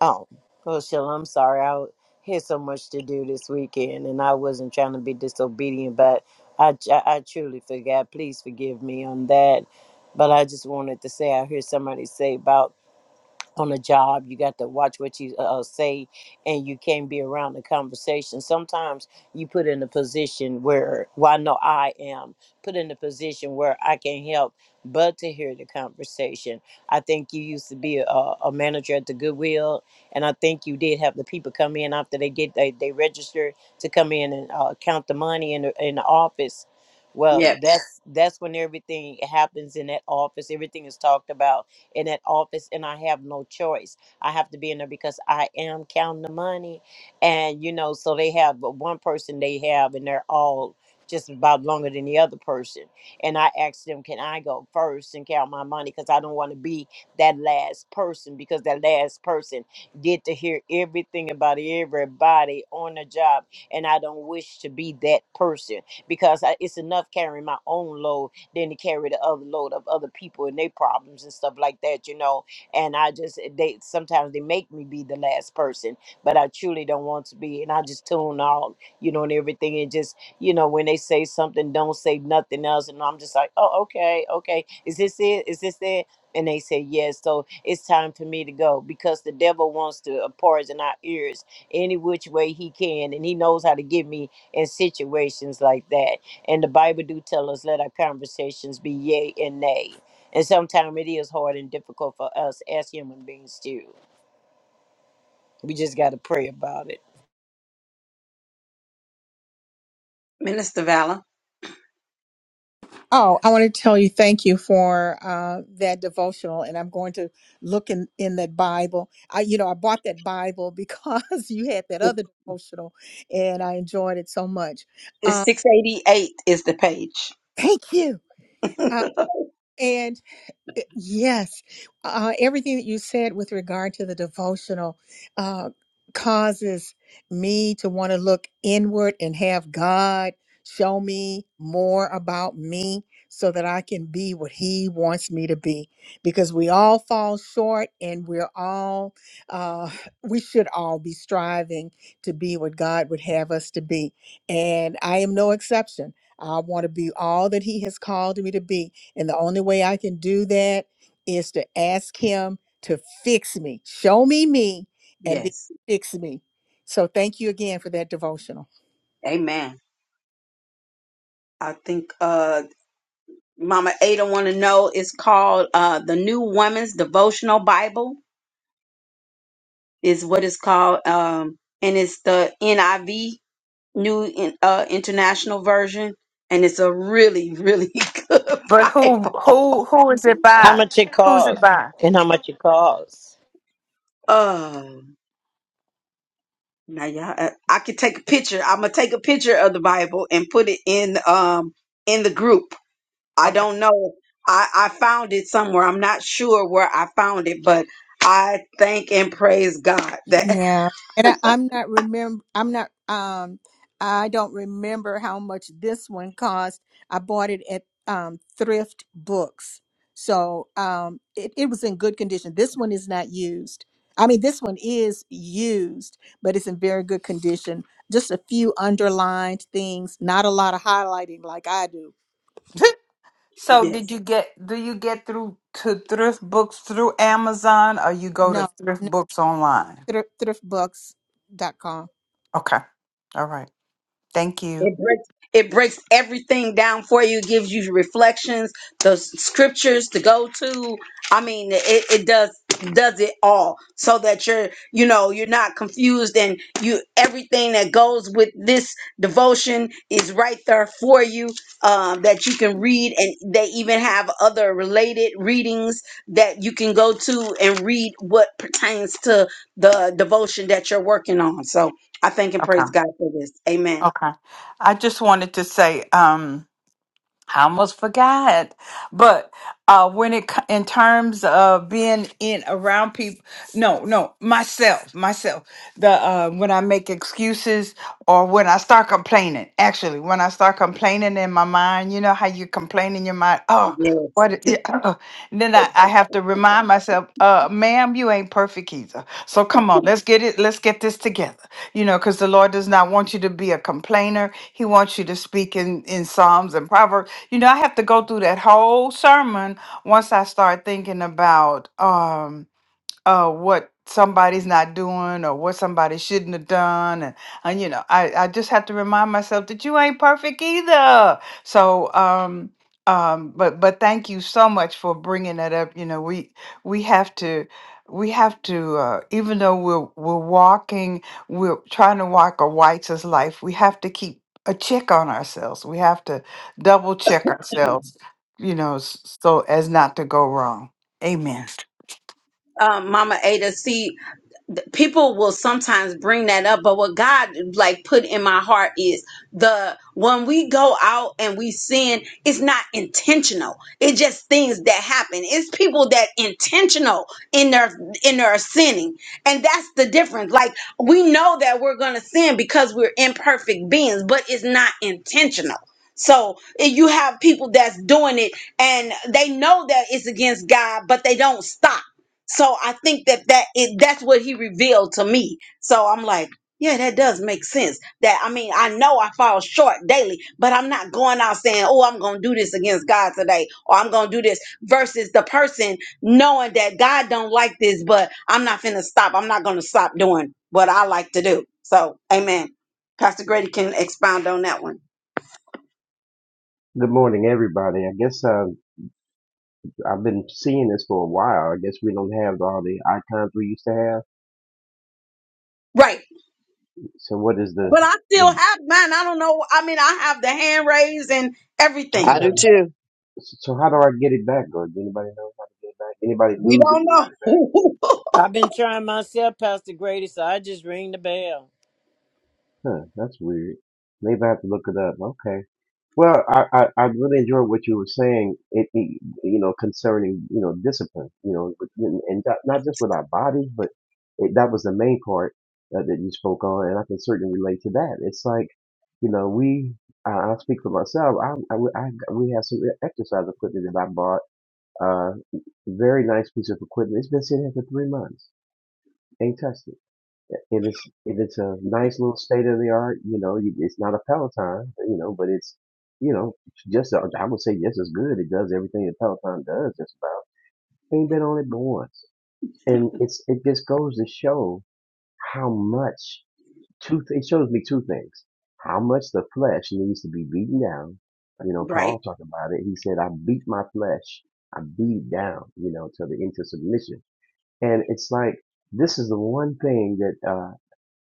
Speaker 10: Oh, well, Sheila, I'm sorry. I had so much to do this weekend, and I wasn't trying to be disobedient, but I, I, I truly forgot. Please forgive me on that. But I just wanted to say, I hear somebody say about on a job. You got to watch what you uh, uh, say, and you can't be around the conversation. Sometimes you put in a position where, well, I know I am put in a position where I can help but to hear the conversation. I think you used to be a, a manager at the Goodwill, and I think you did have the people come in after they get they, they register to come in and uh, count the money in the, in the office. Well,
Speaker 6: Yep,
Speaker 10: that's that's when everything happens in that office. Everything is talked about in that office and I have no choice. I have to be in there because I am counting the money. And, you know, so they have but one person they have and they're all just about longer than the other person. And I asked them, can I go first and count my money? Because I don't want to be that last person because that last person get to hear everything about everybody on the job. And I don't wish to be that person because I, it's enough carrying my own load than to carry the other load of other people and their problems and stuff like that, you know. And I just eh, they sometimes they make me be the last person, but I truly don't want to be. And I just tune out, you know, and everything, and just you know when they say something, don't say nothing else. And I'm just like, oh, okay, okay, is this it? Is this it? And they say yes, so it's time for me to go because the devil wants to uh, poison our ears any which way he can, and he knows how to get me in situations like that and the Bible do tell us, let our conversations be yea and nay. And sometimes it is hard and difficult for us as human beings too. We just got to pray about it.
Speaker 6: Minister Valor.
Speaker 1: Oh, I want to tell you thank you for uh, that devotional, and I'm going to look in in that Bible. I, you know, I bought that Bible because you had that other devotional, and I enjoyed it so much.
Speaker 6: It's
Speaker 1: Uh,
Speaker 6: 688 is the page.
Speaker 1: thank you. Uh, Eh, Yes, uh, everything that you said with regard to the devotional uh, causes me to want to look inward and have God show me more about me so that I can be what He wants me to be. Because we all fall short and we're all, uh, we should all be striving to be what God would have us to be. And I am no exception. I want to be all that He has called me to be and the only way I can do that is to ask Him to fix me, show me me, and then
Speaker 6: Yes.
Speaker 1: fix me. So thank you again for that devotional.
Speaker 6: Amen. I think uh Mama Ada wanna know it's called uh the New Woman's Devotional Bible is what it's called. Um and it's the NIV New In- uh International Version and it's a really, really good
Speaker 4: But who
Speaker 6: Bible.
Speaker 4: who who is it
Speaker 10: How
Speaker 4: by?
Speaker 10: much it
Speaker 4: Who's it
Speaker 10: costs
Speaker 4: by?
Speaker 10: and how much it costs.
Speaker 6: Oh. Now, y'all, uh, I could take a picture. I'm gonna take a picture of the Bible and put it in um in the group. I
Speaker 4: Okay.
Speaker 6: don't know. I I found it somewhere. I'm not sure where I found it, but I thank and praise God that
Speaker 1: Yeah. And I, I'm not remember I'm not um I don't remember how much this one cost. I bought it at um Thrift Books. So um it, it was in good condition. This one is not used. I mean this one is used, but it's in very good condition. Just a few underlined things, not a lot of highlighting like I do.
Speaker 4: So
Speaker 6: yes.
Speaker 4: did you get do you get through to thrift books through Amazon or you go
Speaker 1: No,
Speaker 4: to thrift
Speaker 1: no
Speaker 4: books online?
Speaker 1: thr- thrift thriftbooks.com.
Speaker 4: Okay. All right. Thank you.
Speaker 6: It breaks it breaks everything down for you, gives you reflections, the s- scriptures to go to. I mean, it, it does does it all so that you're you know you're not confused and you everything that goes with this devotion is right there for you um that you can read and they even have other related readings that you can go to and read what pertains to the devotion that you're working on so i thank and
Speaker 4: Okay.
Speaker 6: praise god for this amen
Speaker 4: Okay. I just wanted to say, um, I almost forgot, but uh, when it co- in terms of being in around people, no, no, myself, myself, the uh, when I make excuses or when I start complaining, actually, when I start complaining in my mind, you know how you complain in your mind, oh.
Speaker 6: Yeah.
Speaker 4: What, it- yeah, uh, uh," and then I, I have to remind myself, uh, ma'am, you ain't perfect either. So come on, let's get it. Let's get this together you know, because the Lord does not want you to be a complainer. He wants you to speak in, in Psalms and Proverbs. You know, I have to go through that whole sermon once I start thinking about. um, uh, what somebody's not doing or what somebody shouldn't have done and, and you know I, I just have to remind myself that you ain't perfect either so um um but but thank you so much for bringing that up you know we we have to we have to uh, even though we're we're walking we're trying to walk a righteous life we have to keep a check on ourselves we have to double check ourselves you know s- so as not to go wrong amen
Speaker 6: um, Mama Ada, see, th- people will sometimes bring that up, but what God like put in my heart is the when we go out and we sin, it's not intentional. It's just things that happen. It's people that intentional in their in their sinning, and that's the difference. Like we know that we're gonna sin because we're imperfect beings, but it's not intentional. So eh, you have people that's doing it and they know that it's against God, but they don't stop so I think that that it, that's what he revealed to me. So I'm like, yeah, that does make sense. That I mean, I know I fall short daily, but I'm not going out saying, "Oh, I'm going to do this against God today," or "I'm going to do this." Versus the person knowing that God don't like this, but I'm not finna stop. I'm not going to stop doing what I like to do. So, Amen. Pastor Grady can expound on that one,
Speaker 11: Good morning, everybody. I guess uh, I've been seeing this for a while. I guess we don't have all the icons we used to have.
Speaker 6: right?
Speaker 11: So what is the
Speaker 6: But I still
Speaker 11: the?
Speaker 6: have mine. I don't know. I mean, I have the hand raised and
Speaker 11: I don't
Speaker 5: i
Speaker 6: everything.
Speaker 5: do
Speaker 11: have,
Speaker 5: too
Speaker 11: so how do I get it back? Or does anybody know how to get it back? Anybody
Speaker 6: We
Speaker 11: lose it?
Speaker 6: don't know.
Speaker 10: I've been trying myself, Pastor Grady, so I just ring the bell.
Speaker 11: Huh, that's weird. Maybe I have to look it up. Okay. Well, I, I, I really enjoyed what you were saying, it, it, you know, concerning, you know, discipline, you know, with- and and not not just with our bodies, but it, that was the main part uh, that you spoke on. And I can certainly relate to that. It's like, you know, we, uh, I'll speak for myself. I, I, I- we have some exercise equipment that I bought, uh, very nice piece of equipment. It's been sitting here for three months. Ain't touched it and it's and it's a nice little state of the art. You know, you- it's not a Peloton, you know, but it's you know just uh, I would say just as good. It does everything a Peloton does. Just about ain't been on it but once, and it's it just goes to show how much two. Th- it shows me two things: how much the flesh needs to be beaten down. You know,
Speaker 6: Right,
Speaker 11: Paul talked about it. He said, "I beat my flesh, I beat it down, you know, to the into submission." And it's like this is the one thing that. uh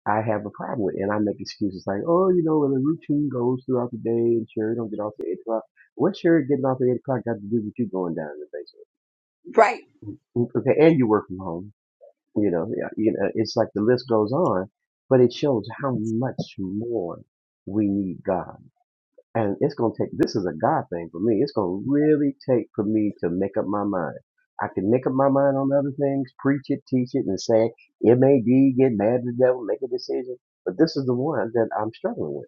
Speaker 11: I have a problem with. And I make excuses like, oh, you know, the routine goes throughout the day and Sherry don't get off at 8 o'clock. What's Sherry getting off at 8 o'clock got to do with you going down in the basement?
Speaker 6: right.
Speaker 11: Mm, Okay, and you work from home. You know, yeah, you know, it's like the list goes on, but it shows how much more we need God. And it's gonna take this is a God thing for me. It's gonna really take for me to make up my mind. I can make up my mind on other things, preach it, teach it, and say it may be, get mad at the devil, make a decision. But this is the one that I'm struggling with.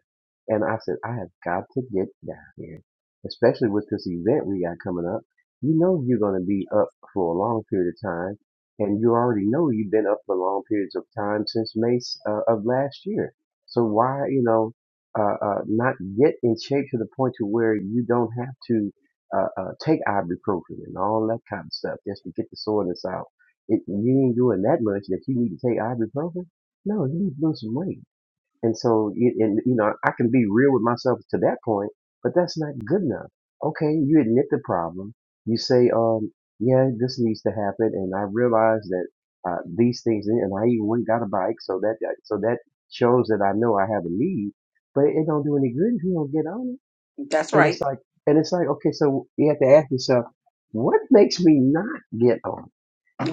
Speaker 11: And I said, I have got to get down here. Especially with this event we got coming up. You know you're gonna be up for a long period of time. And you already know you've been up for long periods of time since May uh, of last year. So why, you know, uh, uh, not get in shape to the point to where you don't have to uh, uh, take ibuprofen and all that kind of stuff just to get the soreness out. If you ain't doing that much that you need to take ibuprofen, no, you need to lose some weight and so, you- and you know, I can be real with myself to that point, but that's not good enough. Okay, you admit the problem. You say, um, yeah, this needs to happen, and I realize that uh, these things, and I even went and got a bike, so that uh, so that shows that I know I have a need. But it don't do any good if you don't get on it.
Speaker 6: That's
Speaker 11: And
Speaker 6: right.
Speaker 11: it's like, and it's like, okay, so you have to ask yourself, what makes me not get on? it?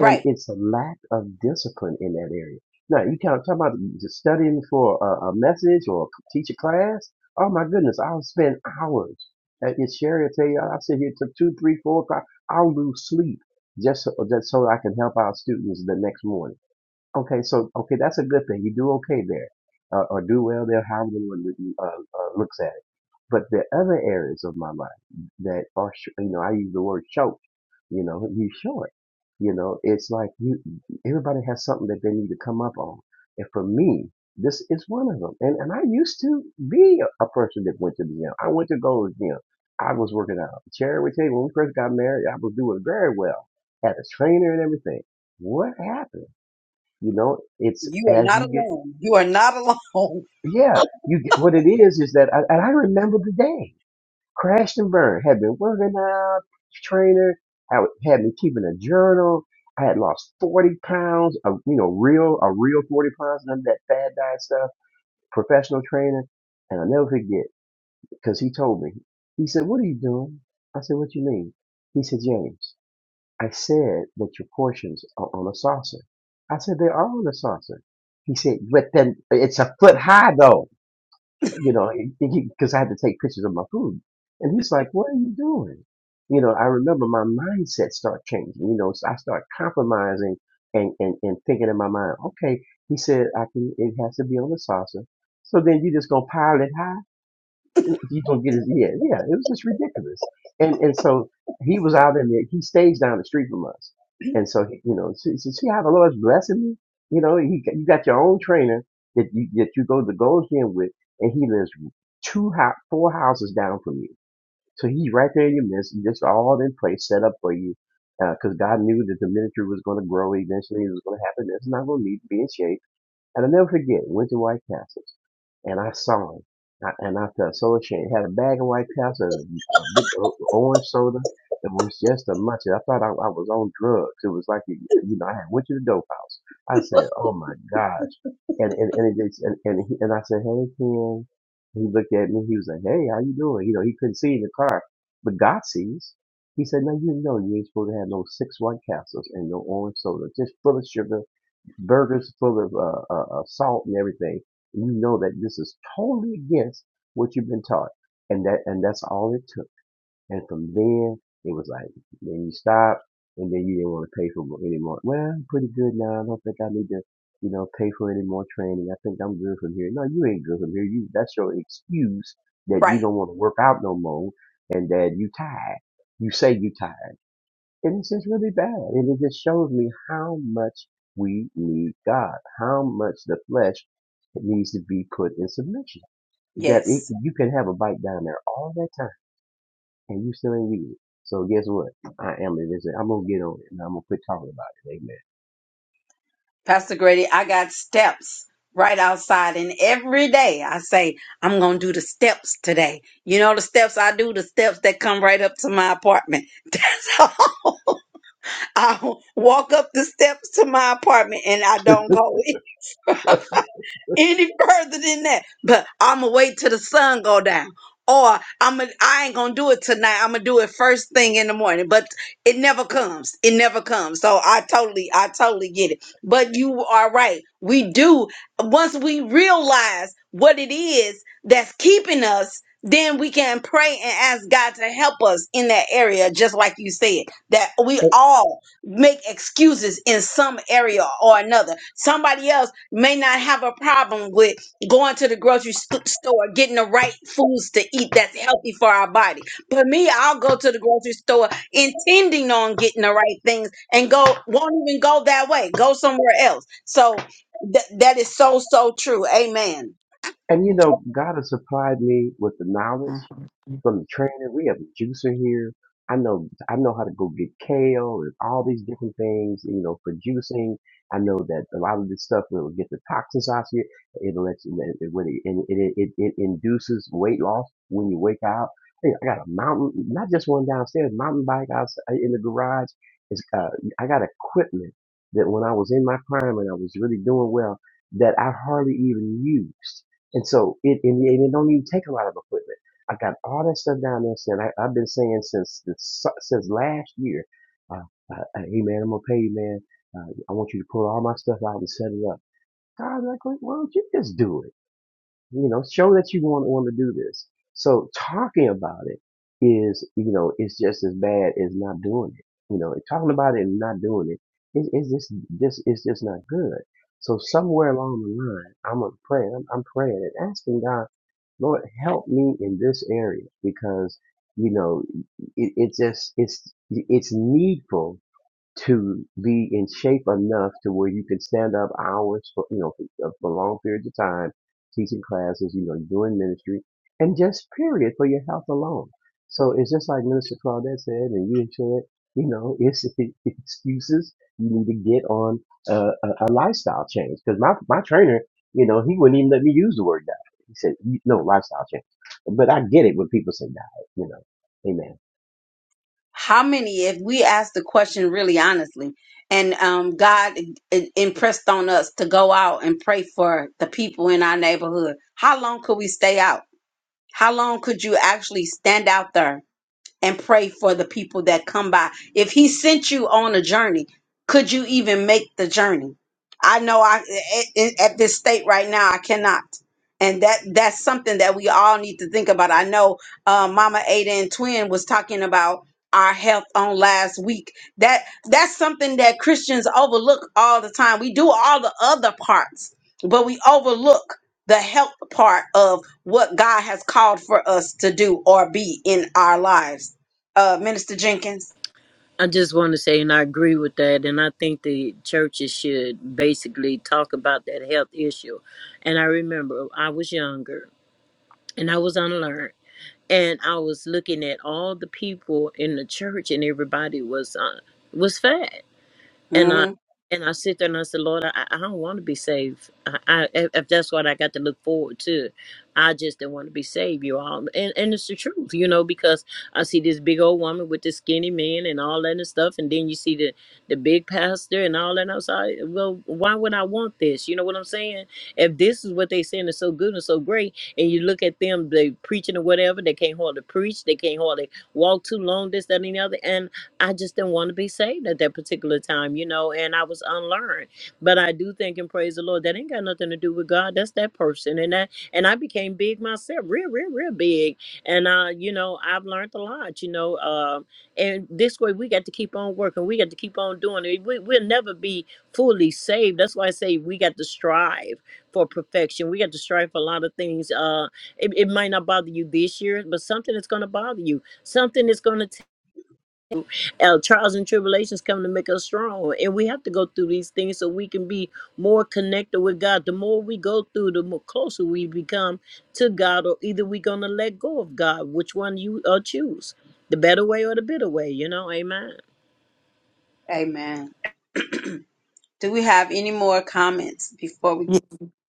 Speaker 11: and it's a lack of discipline in that area. Now you can't talk about just studying for a, a message or teach a class. Oh my goodness, I'll spend hours. Uh, And Sherry will tell you, I'll sit here till two, three, four o'clock. I'll lose sleep just so, just so I can help our students the next morning. Okay, so okay, that's a good thing. You do okay there, uh, or do well there, however one uh, uh, looks at it. But the other areas of my life that are, sh- you know, I use the word short. You know, you short. You know, it's like you. Everybody has something that they need to come up on, and for me, this is one of them. And and I used to be a, a person that went to the gym. I went to Gold's Gym. I was working out. Cherry would tell you when we first got married, I was doing very well. Had a trainer and everything. What happened? You know, it's
Speaker 6: You are
Speaker 11: as
Speaker 6: not
Speaker 11: you get,
Speaker 6: alone. You are not alone.
Speaker 11: yeah, you get, what it is is that, I, and I remember the day. Crashtenberg had been working out, training, had, had been keeping a journal. I had lost 40 pounds of, you know, real, a real 40 pounds, none of that fad diet stuff, professional training. And I'll never forget, because he told me, he said, What are you doing? I said, What you mean? He said, James, I said that your portions are on a saucer. I said, They are on a saucer. He said, But then it's a foot high, though you know, because I had to take pictures of my food. And he's like, what are you doing? You know, I remember my mindset start changing. You know, so I start compromising and, and, and thinking in my mind, okay, he said I can, it has to be on the salsa. So then you just gonna pile it high you don't get his yeah, yeah. It was just ridiculous. And and so he was out in there. He stays down the street from us. And so he- you know, see, see see how the Lord's blessing me. You know, he, you got your own trainer that you that you go to go gym with, and he lives two hou- four houses down from you. So he's right there in your midst, just all in place, set up for you. Because God knew that the ministry was going to grow eventually. It was going to happen. It's not going to need to be in shape and I'll never forget, went to White Castles, and I saw him. I, and I felt so ashamed. Had a bag of White Castle, and a, a big o- orange soda. It was just a much. I thought I, I was on drugs. It was like, you know, I had went to the dope house. I said, oh my gosh. And, and, and, it, just- and, and, he, and I said, hey, Ken. He looked at me. He was like, hey, how you doing? You know, he couldn't see in the car, but God sees. He said, no, you know, you ain't supposed to have no six White Castles and no orange soda, just full of sugar burgers full of uh, uh, uh, salt and everything, you know that this is totally against what you've been taught, and that and that's all it took. And from then, it was like then you stop, and then you didn't want to pay for any more. Well, I'm pretty good now. I don't think I need to, you know, pay for any more training. I think I'm good from here. No, you ain't good from here. You that's your excuse that you
Speaker 6: Right.
Speaker 11: don't want to work out no more, and that you tired. You say you tired. And it's just really bad. And it just shows me how much we need God, how much the flesh needs to be put in submission. That it,
Speaker 6: Yes.
Speaker 11: you can have a bike down there all that time and you still ain't use it. So guess what? I am it. I'm going to get on it and I'm going to quit talking about it. Amen.
Speaker 6: Pastor Grady, I got steps right outside. And every day I say, I'm going to do the steps today. You know, the steps I do, the steps that come right up to my apartment. I walk up the steps to my apartment and I don't go in. any further than that. But I'ma wait till the sun go down. Or I'm a, I ain't gonna do it tonight. I'm gonna do it first thing in the morning. But it never comes. It never comes. So I totally, I totally get it. But you are right. We do once we realize what it is that's keeping us, then we can pray and ask God to help us in that area, just like you said. That we all make excuses in some area or another. Somebody else may not have a problem with going to the grocery st- store, getting the right foods to eat that's healthy for our body. But me, I'll go to the grocery store intending on getting the right things and go, won't even go that way, go somewhere else. So th- that is so, so true. Amen.
Speaker 11: And you know, God has supplied me with the knowledge
Speaker 4: Mhm.
Speaker 11: from the training. We have a juicer here. I know I know how to go get kale and all these different things, you know, for juicing. I know that a lot of this stuff will get the toxins out of you. It'll let you it, it, it, it, it, it induces weight loss when you wake out. Hey, I got a mountain, not just one downstairs, mountain bike out in the garage. It's, uh, I got equipment that when I was in my prime and I was really doing well, that I hardly even used and so it and, it it don't even take a lot of equipment. I got all that stuff down there. Saying I, I've been saying since the, since last year, uh, uh, uh, hey man, I'm gonna pay you, man. Uh, I want you to pull all my stuff out and set it up. God's like, well, you just do it you know show that you want want to do this so talking about it is you know it's just as bad as not doing it you know and talking about it and not doing it is is just just it's just not good so somewhere along the line i'm a praying I'm, I'm praying and asking god lord help me in this area because you know it, it just it's it's needful to be in shape enough to where you can stand up hours for you know for, uh, for long periods of time, teaching classes, you know, doing ministry, and just period for your health alone. So it's just like Minister Claudette said, and you said, you know, it's excuses. You need to get on a, a, a lifestyle change because my my trainer, you know, he wouldn't even let me use the word diet. He said, "You- no lifestyle change. But I get it when people say diet, you know. Amen.
Speaker 6: how many if we ask the question really honestly and um god i- impressed on us to go out and pray for the people in our neighborhood how long could we stay out how long could you actually stand out there and pray for the people that come by. If he sent you on a journey, could you even make the journey? I know I at, at this state right now I cannot. And that that's something that we all need to think about. I know uh, Mama Ada and Twin was talking about our health on last week. That that's something that Christians overlook all the time. We do all the other parts, but we overlook the health part of what God has called for us to do or be in our lives uh, Minister Jenkins.
Speaker 10: I just want to say, and I agree with that, and I think the churches should basically talk about that health issue. And I remember I was younger and I was unlearned and I was looking at all the people in the church, and everybody was uh, was fat and I
Speaker 6: hmm
Speaker 10: and I sit there and I said, Lord, I, I don't want to be saved. I, I if if that's what I got to look forward to, I just didn't want to be saved, you all. And and it's the truth, you know, because I see this big old woman with this skinny man and all that and stuff, and then you see the the big pastor and all that. And I was like, well, why would I want this? You know what I'm saying? If this is what they saying is so good and so great, and you look at them, they preaching or whatever, they can't hardly preach, they can't hardly walk too long, this, that, and the other, and I just didn't want to be saved at that particular time, you know, and I was unlearned. But I do think and praise the Lord that ain't got nothing to do with God. That's that person, and that and I became big myself, real, real, real big. And uh, you know, I've learned a lot, you know, um, and this way we got to keep on working, we got to keep on doing it. We, we'll never be fully saved. That's why I say we got to strive for perfection. We got to strive for a lot of things. Uh, it, it might not bother you this year, but something is going to bother you. Something is going to our trials and tribulations come to make us strong, and we have to go through these things so we can be more connected with God. The more we go through, the more closer we become to God, or either we're gonna let go of God, which one you uh, choose, the better way or the bitter way, you know? Amen.
Speaker 6: Amen. Do we have any more comments before we
Speaker 4: Ye-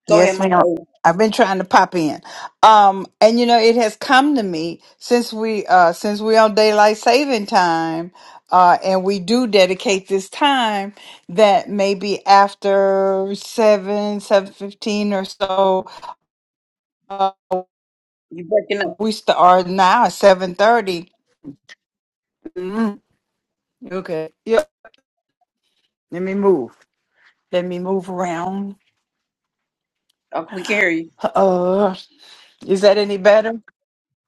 Speaker 6: go ahead,
Speaker 4: Yes,
Speaker 6: Mama?
Speaker 4: ma'am.
Speaker 6: Ada.
Speaker 4: I've been trying to pop in. Um, and you know, it has come to me since we uh since we on daylight saving time, uh, and we do dedicate this time that maybe after seven, seven fifteen or so, uh,
Speaker 6: You breaking up?
Speaker 4: we start now at seven thirty. Mm, Okay. Yep. Let me move. Let me move around.
Speaker 6: Okay, we can hear you.
Speaker 4: Uh, is that any better?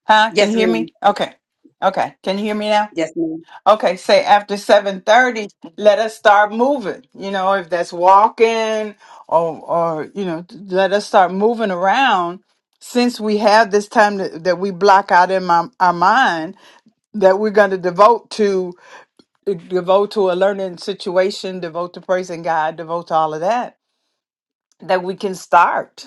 Speaker 4: Huh? Can
Speaker 6: Yes,
Speaker 4: you hear
Speaker 6: ma'am.
Speaker 4: me? Okay. Okay. Can you hear me now?
Speaker 6: Yes, ma'am.
Speaker 4: Okay, say after 7:30, let us start moving. You know, if that's walking or or you know, let us start moving around since we have this time that, that we block out in my, our mind that we're going to devote to devote to a learning situation, devote to praising God, devote to all of that, that we can start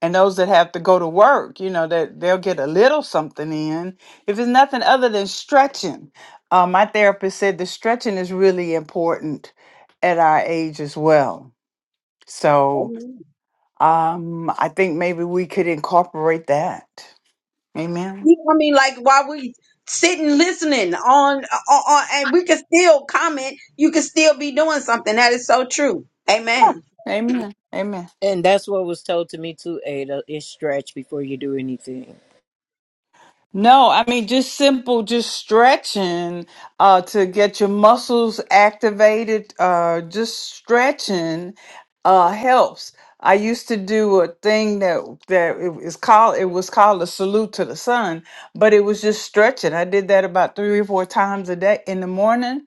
Speaker 4: and those that have to go to work, you know, that they'll get a little something in. If it's nothing other than stretching, uh, my therapist said the stretching is really important at our age as well. So
Speaker 6: Amen.
Speaker 4: um, I think maybe we could incorporate that. Amen.
Speaker 6: I mean, like while we sitting listening on, on, on and we can still comment, you can still be doing something. That is so true.
Speaker 4: Yeah.
Speaker 6: Amen.
Speaker 4: Amen. Amen.
Speaker 10: And that's what was told to me too, Ada. Is stretch before you do anything.
Speaker 4: No, I mean just simple, just stretching uh, to get your muscles activated. Uh, just stretching uh, helps. I used to do a thing that that it is called it was called a salute to the sun, but it was just stretching. I did that about three or four times a day in the morning,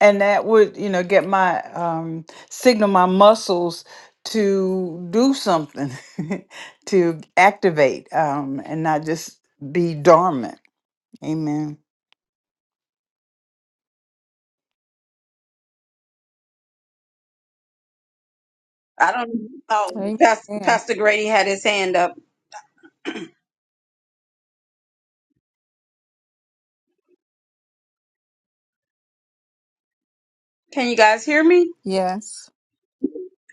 Speaker 4: and that would you know get my um, signal my muscles to do something to activate um, and not just be dormant. Amen.
Speaker 6: I don't. Oh, Pastor,
Speaker 1: Amen.
Speaker 6: Pastor Grady had his hand up. Can you guys hear me?
Speaker 1: Yes.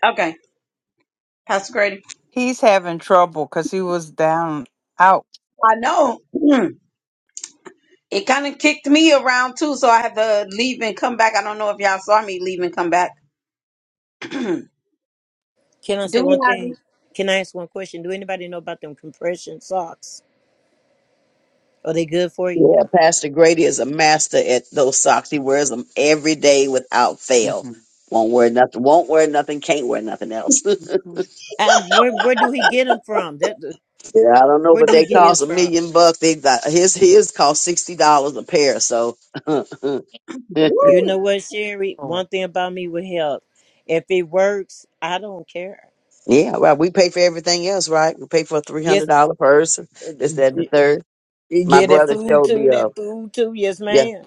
Speaker 6: Okay, Pastor Grady.
Speaker 4: He's having trouble because he was down out.
Speaker 6: I know it kind of kicked me around too, so I had to leave and come back. I don't know if y'all saw me leave and come back. Do
Speaker 10: Can I say one
Speaker 6: we
Speaker 10: thing?
Speaker 6: have?
Speaker 10: Can I ask one question? Do anybody know about them compression socks? Are they good for you?
Speaker 5: yeah pastor grady is a master at those socks he wears them every day without fail
Speaker 4: hmm
Speaker 5: won't wear nothing won't wear nothing can't wear nothing else
Speaker 10: And where where do he get them from? That
Speaker 5: yeah, i don't know
Speaker 10: where
Speaker 5: but
Speaker 10: do he
Speaker 5: they
Speaker 10: get his
Speaker 5: cost a
Speaker 10: from?
Speaker 5: million bucks they got his his cost sixty dollars a pair so
Speaker 10: You
Speaker 6: Woo!
Speaker 10: know what, Sherry? One thing about me with help. If it works, I don't care.
Speaker 5: yeah well we pay for everything else right we pay for a three
Speaker 10: Yes,
Speaker 5: hundred dollar purse
Speaker 10: uh,
Speaker 5: this that and the
Speaker 10: d- d-
Speaker 5: third my
Speaker 10: yeah, that
Speaker 5: brother
Speaker 10: food
Speaker 5: showed
Speaker 10: too.
Speaker 5: me uh
Speaker 10: That food too. Yes,
Speaker 5: yeah
Speaker 10: ma'am.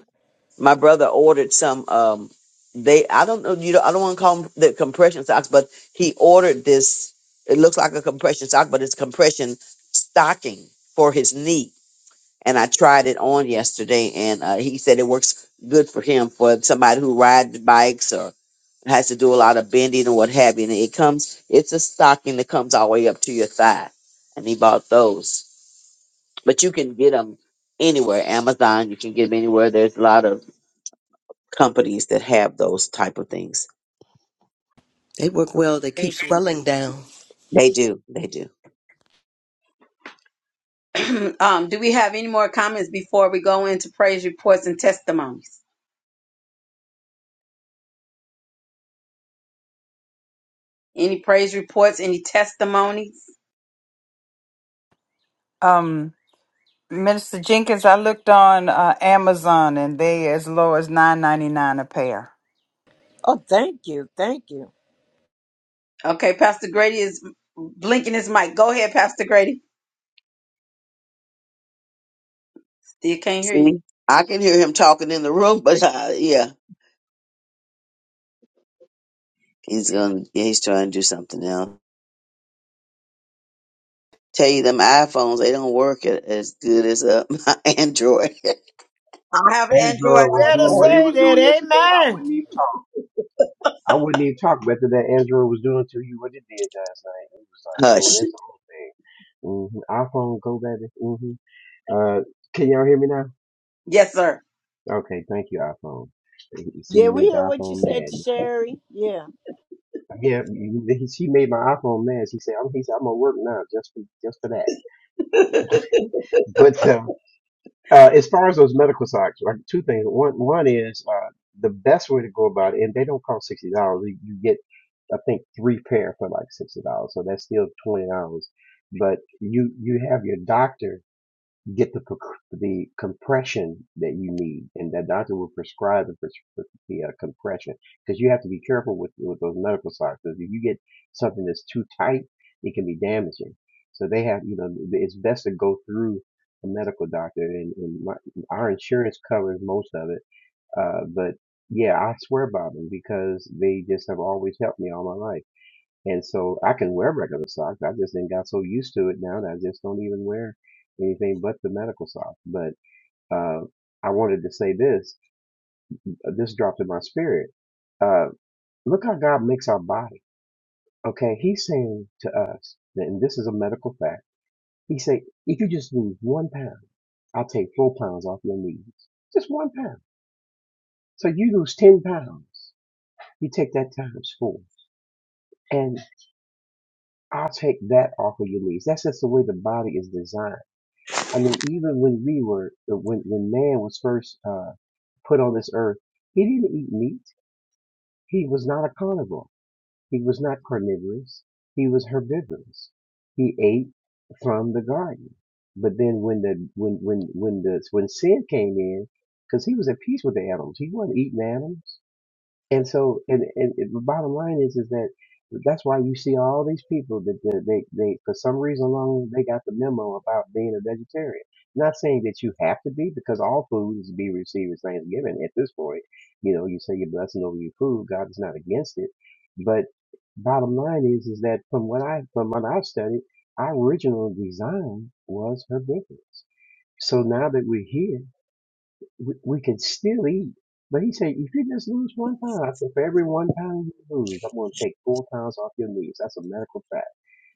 Speaker 5: my brother ordered some um they i don't know you know i don't want to call them the compression socks but he ordered this it looks like a compression sock but it's compression stocking for his knee and i tried it on yesterday and uh, he said it works good for him for somebody who rides bikes or has to do a lot of bending or what have you and it comes it's a stocking that comes all the way up to your thigh and he bought those but you can get them anywhere. Amazon, you can get them anywhere. There's a lot of companies that have those type of things.
Speaker 9: They work well. They keep
Speaker 10: Thank you.
Speaker 9: swelling down.
Speaker 5: They do, they do.
Speaker 6: um, do we have any more comments before we go into praise reports and testimonies? Any praise reports? Any testimonies?
Speaker 4: Um, Minister Jenkins, I looked on uh, Amazon and they as low as nine ninety nine a pair.
Speaker 10: Oh, thank you. Thank you.
Speaker 6: Okay, Pastor Grady is blinking his mic. Go ahead, Pastor Grady. Still can't hear you.
Speaker 5: See, I can hear him talking in the room, but uh, yeah, he's gonna, yeah, he's trying to do something else. Tell you them iPhones, they don't work a- as good as uh, my Android.
Speaker 6: I have
Speaker 10: You
Speaker 6: Android
Speaker 11: Android was
Speaker 10: better
Speaker 11: doing what
Speaker 6: also.
Speaker 11: he
Speaker 10: say
Speaker 11: was
Speaker 10: that.
Speaker 11: doing yesterday, I
Speaker 10: Amen.
Speaker 11: wouldn't even talk. I wouldn't even talk better that Android was doing to you what it did last night. It was like doing
Speaker 5: Hush.
Speaker 11: its own thing. Mm-hmm. iPhone, go better. hmm Uh, can y'all hear me now?
Speaker 6: Yes, sir.
Speaker 11: Okay, thank you, iPhone. See,
Speaker 10: Yeah,
Speaker 11: you
Speaker 10: we
Speaker 11: made the
Speaker 10: hear what you
Speaker 11: iPhone
Speaker 10: said
Speaker 11: mad.
Speaker 10: to Sherry. Yeah.
Speaker 11: Yeah, you- he- she made my iPhone mad. She said, "I'm," he said, "I'm gonna work now just for just for that." But um, Uh, as far as those medical socks, like two things. One, one is uh, the best way to go about it, and they don't cost sixty dollars. You, you get, I think, three pair for like sixty dollars, so that's still twenty dollars. But you you have your doctor get the the compression that you need, and that doctor will prescribe the pres- the uh, compression because you have to be careful with with those medical supplies. Because if you get something that's too tight, it can be damaging. So they have, you know, it's best to go through a medical doctor, and, and my, our insurance covers most of it. Uh, but yeah, I swear by them because they just have always helped me all my life. And so I can wear regular socks. I just then got so used to it now that I just don't even wear anything but the medical socks. But uh, I wanted to say this. This dropped in my spirit. Uh, look how God makes our body. Okay, He's saying to us, and this is a medical fact. He said, if you just lose one pound, I'll take four pounds off your knees. Just one pound. So you lose ten pounds. You take that times four, and I'll take that off of your knees. That's just the way the body is designed I mean, even when we were, uh, when when man was first uh, put on this earth, he didn't eat meat. He was not a carnivore. He was not carnivorous. He was herbivorous. He ate from the garden. But then when the when when when the when sin came in, because he was at peace with the animals, he wasn't eating animals and so and, and and the bottom line is is that that's why you see all these people that that they, they for some reason alone they got the memo about being a vegetarian not saying that you have to be because all food is to be received as thanksgiving at this point you know you say your blessing over your food god is not against it but bottom line is is that from what i from what i've studied our original design was herbivorous so now that we're here we, we can still eat. But he said, if you just lose one pound, I said, for every one pound you lose, I'm going to take four pounds off your knees. That's a medical fact.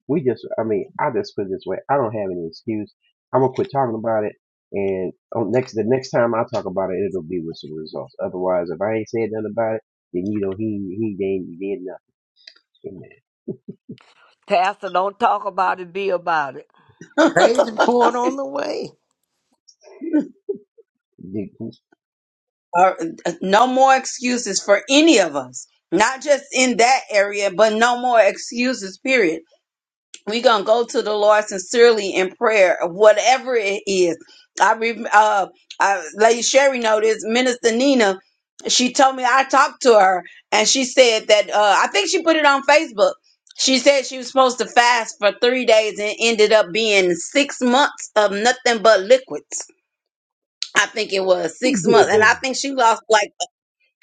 Speaker 11: We just, I mean, I just put it this way. I don't have any excuse. I'm going to quit talking about it. And on next, the next time I talk about it, it'll be with some results. Otherwise, if I ain't said nothing about it, then you know, he, he did he did nothing.
Speaker 7: Pastor, don't talk about it, be about it.
Speaker 9: Praise report on the way.
Speaker 11: Amen.
Speaker 6: Uh, no more excuses for any of us. Not just in that area, but no more excuses. Period we're gonna go to the Lord sincerely in prayer, whatever it is. I re- uh, I, Lady Sherry noticed Minister Nina. She told me I talked to her, and she said that uh, I think she put it on Facebook. She said she was supposed to fast for three days and ended up being six months of nothing but liquids. I think it was
Speaker 11: who
Speaker 6: six months,
Speaker 11: did
Speaker 6: and I
Speaker 11: that?
Speaker 6: think she lost like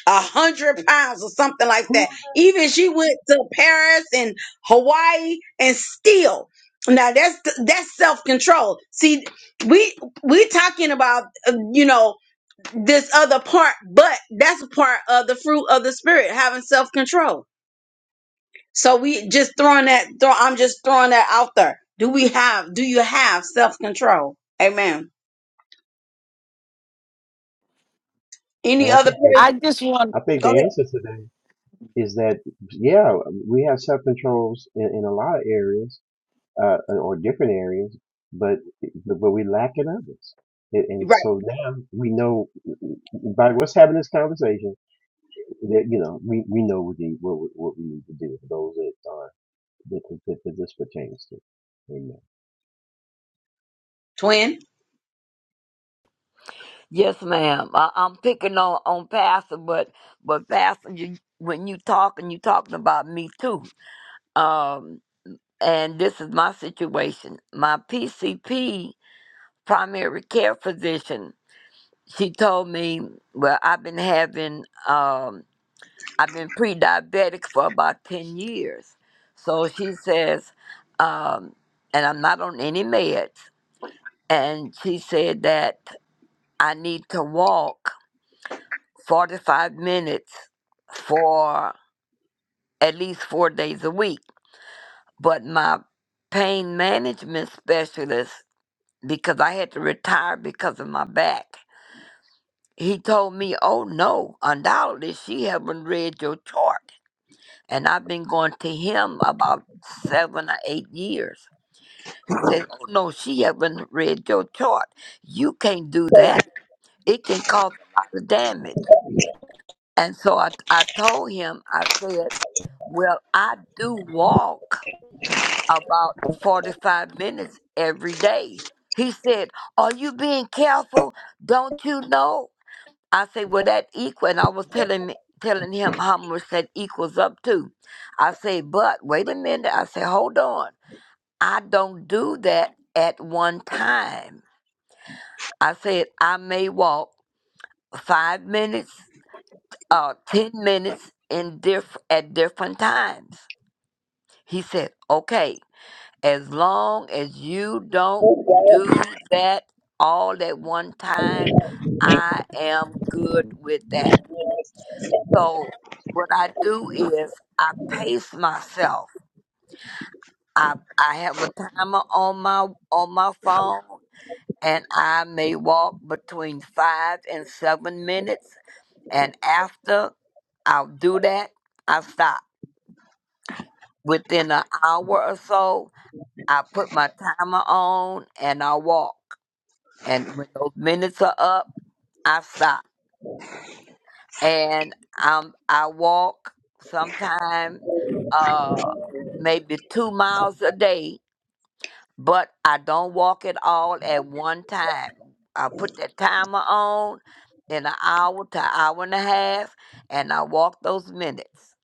Speaker 6: a hundred pounds or something like
Speaker 11: Who
Speaker 6: that.
Speaker 11: was
Speaker 6: Even she went to Paris and Hawaii and still. Now that's that's self control. See, we we talking about uh, you know this other part, but that's part of the fruit of the spirit, having self control. So we just throwing that. Throw, I'm just throwing that out there. Do we have? Do you have self control? Amen.
Speaker 11: that? And
Speaker 6: Any
Speaker 11: I
Speaker 6: other
Speaker 11: think, the,
Speaker 6: prayers?
Speaker 4: I
Speaker 11: I think
Speaker 6: Go
Speaker 11: the
Speaker 6: ahead.
Speaker 11: answer to that is that, yeah, we have self controls in, in a lot of areas uh, or different areas, but but we lack in others. And, and
Speaker 6: Right,
Speaker 11: so now we know by what's having this conversation that you know we, we know what, the, what we- what we need to do for those that are that, that, that this pertains to. Amen.
Speaker 6: twin.
Speaker 7: Yes, ma'am. I, I'm picking on, on Pastor, but but Pastor, you, when you talking, you talking about me too. Um, and this is my situation. My PCP primary care physician she told me, well, I've been having, um, I've been pre-diabetic for about 10 years. So she says, um, and I'm not on any meds. And she said that I need to walk 45 minutes for at least four days a week. But my pain management specialist, because I had to retire because of my back, he told me, oh no, undoubtedly she haven't read your chart And I've been going to him about seven or eight years. He says, Oh no, she haven't read your chart. You can't do that. It can cause a lot of damage. And so I, I told him, I said, Well, I do walk about 45 minutes every day. He said, Are you being careful? Don't you know? I say, well, that equal, and I was telling telling him how much that equals up to. I say, but wait a minute. I say, hold on. I don't do that at one time. I said, I may walk five minutes or 10 minutes in diff- at different times. He said, okay, as long as you don't do that all at one time, I am good with that. So what I do is I pace myself. I I have a timer on my on my phone and I may walk between five and seven minutes and after I'll do that, I stop. Within an hour or so, I put my timer on and I walk. And when those minutes are up, I stop. and um I walk sometime uh maybe two miles a day, but I don't walk it all at one time. I put that timer on in an hour to hour and a half and I walk those minutes.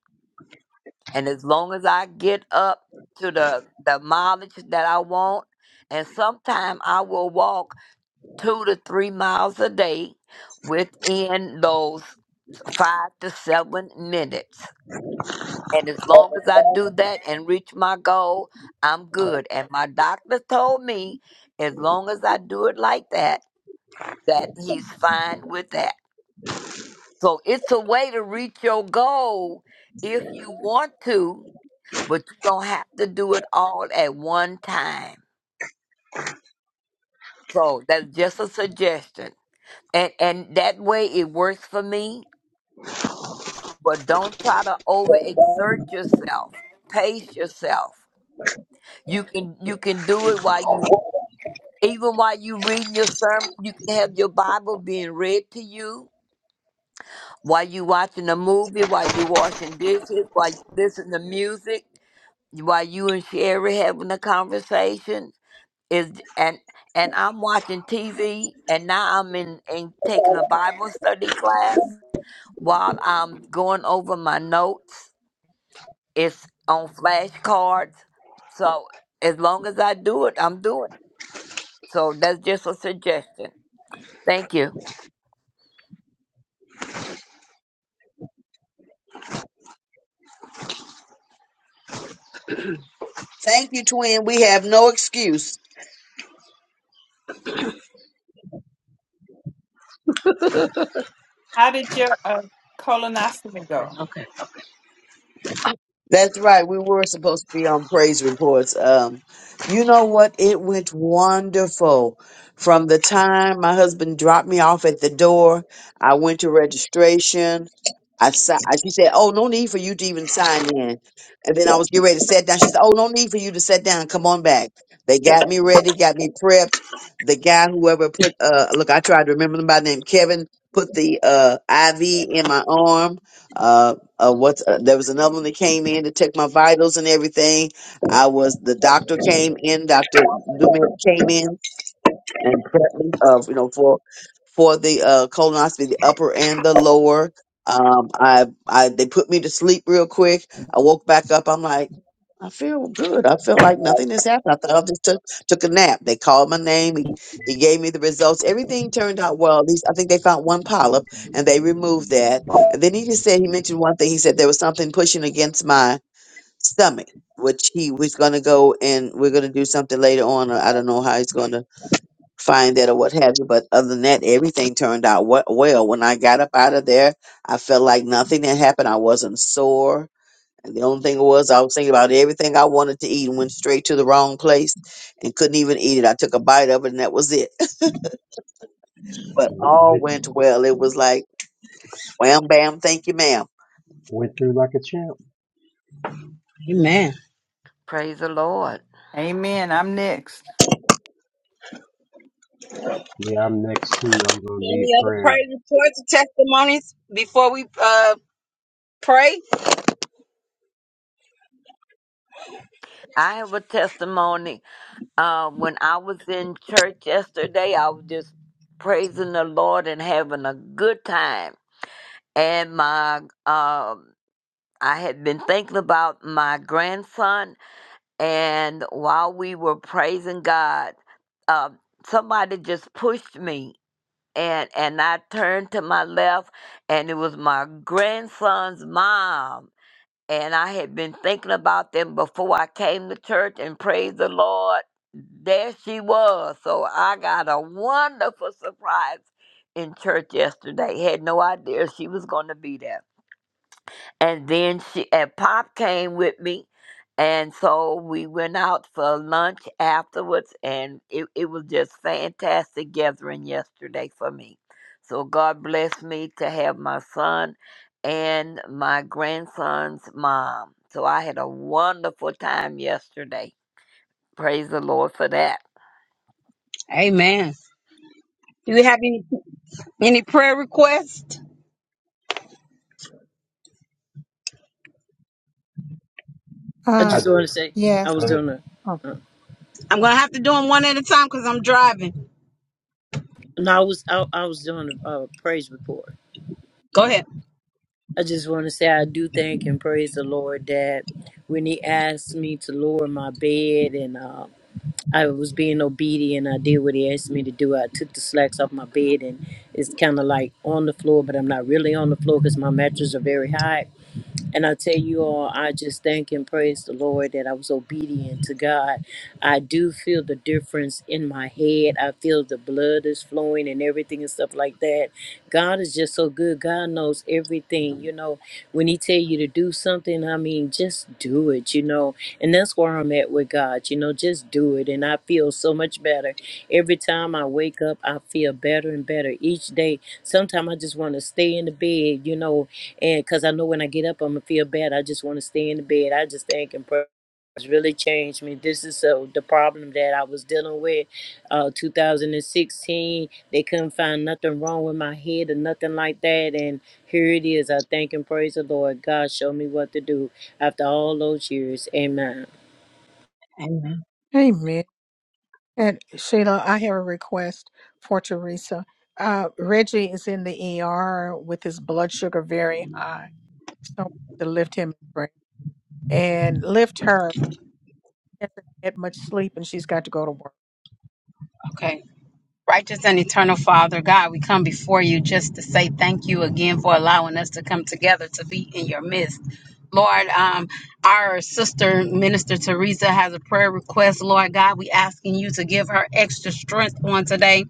Speaker 7: And as long as I get up to the, the mileage that I want, and sometime I will walk two to three miles a day within those five to seven minutes And as long as I do that and reach my goal, I'm good. And my doctor told me as long as I do it like that, that he's fine with that. So it's a way to reach your goal if you want to, but you don't have to do it all at one time. So that's just a suggestion. And and that way it works for me, but don't try to overexert yourself. Pace yourself. You can you can do it while you Even while you reading your sermon, you can have your Bible being read to you. While you watching a movie, while you washing dishes, while you listen to music, while you and Sherry having a conversation. Is and and I'm watching TV, and now I'm in, in taking a Bible study class while I'm going over my notes. It's on flashcards, so as long as I do it, I'm doing it. So that's just a suggestion. Thank you.
Speaker 5: Thank you, twin. We have no excuse.
Speaker 4: how did your uh, colonoscopy go?
Speaker 5: That's right. We were supposed to be on praise reports. Um, you know what? It went wonderful. From the time my husband dropped me off at the door, I went to registration. I, si- I she said, "Oh, no need for you to even sign in." And then I was getting ready to sit down. She said, "Oh, no need for you to sit down. Come on back." They got me ready, got me prepped. The guy, whoever put, uh, look, I tried to remember him by name, Kevin, put the uh, IV in my arm. Uh, uh, what's uh, there was another one that came in to check my vitals and everything. I was the doctor came in, Doctor Dumet came in and prepped me of you know for for the uh, colonoscopy, the upper and the lower. Um, I, I, they put me to sleep real quick. I woke back up. I'm like, I feel good. I feel like nothing has happened. I thought I just took took a nap. They called my name. He, he gave me the results. Everything turned out well. At least I think they found one polyp and they removed that. And then he just said he mentioned one thing. He said there was something pushing against my stomach, which he was going to go and we're going to do something later on. Or I don't know how he's going to find that or what have you. But other than that, everything turned out we- well. When I got up out of there, I felt like nothing had happened. I wasn't sore. And the only thing was, I was thinking about everything I wanted to eat and went straight to the wrong place and couldn't even eat it. I took a bite of it and that was it. But
Speaker 11: W-
Speaker 5: all
Speaker 11: Went
Speaker 5: went well. It was like, wham, bam, thank you, ma'am.
Speaker 11: went through like a champ.
Speaker 7: Praise the Lord.
Speaker 4: Amen. I'm next.
Speaker 11: Yeah, I'm next to. I'm gonna
Speaker 6: Any
Speaker 11: need
Speaker 6: other
Speaker 11: prayer.
Speaker 6: praise reports or testimonies before we uh pray?
Speaker 7: I have a testimony. Uh, when I was in church yesterday, I was just praising the Lord and having a good time. And my, um, I had been thinking about my grandson, and while we were praising God, uh, somebody just pushed me, and and I turned to my left, and it was my grandson's mom and I had been thinking about them before I came to church, and praise the Lord, there she was. So I got a wonderful surprise in church yesterday. Had no idea she was going to be there and then she and pop came with me and so we went out for lunch afterwards and it, it was just fantastic gathering yesterday for me so god bless me to have my son and my grandson's mom so i had a wonderful time yesterday praise the lord for that
Speaker 6: Amen. Do we have any any prayer requests?
Speaker 10: I
Speaker 1: Uh
Speaker 11: I
Speaker 10: just want
Speaker 11: do.
Speaker 10: to say I
Speaker 1: yes.
Speaker 10: was
Speaker 11: Go ahead.
Speaker 10: doing a
Speaker 1: Oh,
Speaker 10: uh,
Speaker 6: I'm gonna have to do them one at a time because I'm driving.
Speaker 10: no, I was I, I was doing a uh, praise report.
Speaker 6: Go ahead.
Speaker 10: I just want to say I do thank and praise the Lord that when He asked me to lower my bed and. uh, I was being obedient. I did what he asked me to do. I took the slacks off my bed, and it's kind of like on the floor, but I'm not really on the floor because my mattress are very high and I tell you all, I just thank and praise the Lord that I was obedient to God. I do feel the difference in my head. I feel the blood is flowing and everything and stuff like that. God is just so good. God knows everything. You know, when He tell you to do something, I mean, just do it. You know, and that's where I'm at with God. You know, just do it, and I feel so much better every time I wake up. I feel better and better each day. Sometimes I just want to stay in the bed. You know, and because I know when I get up, I'm gonna feel bad. I just want to stay in the bed. I just think and pray. It's really changed me. This is so the problem that I was dealing with. Uh, 2016, they couldn't find nothing wrong with my head or nothing like that. And here it is. I thank and praise the Lord. God showed me what to do after all those years. Amen.
Speaker 1: Amen. And Sheila, I have a request for Teresa. Uh, Reggie is in the ER with his blood sugar very high, so to lift him in prayer. and lift her. She hasn't had much sleep, and she's got to go to work.
Speaker 6: Okay. Righteous and eternal Father, God, we come before you just to say thank you again for allowing us to come together to be in your midst. Lord, um, our sister, Minister Teresa, has a prayer request. Lord God, we asking you to give her extra strength on today.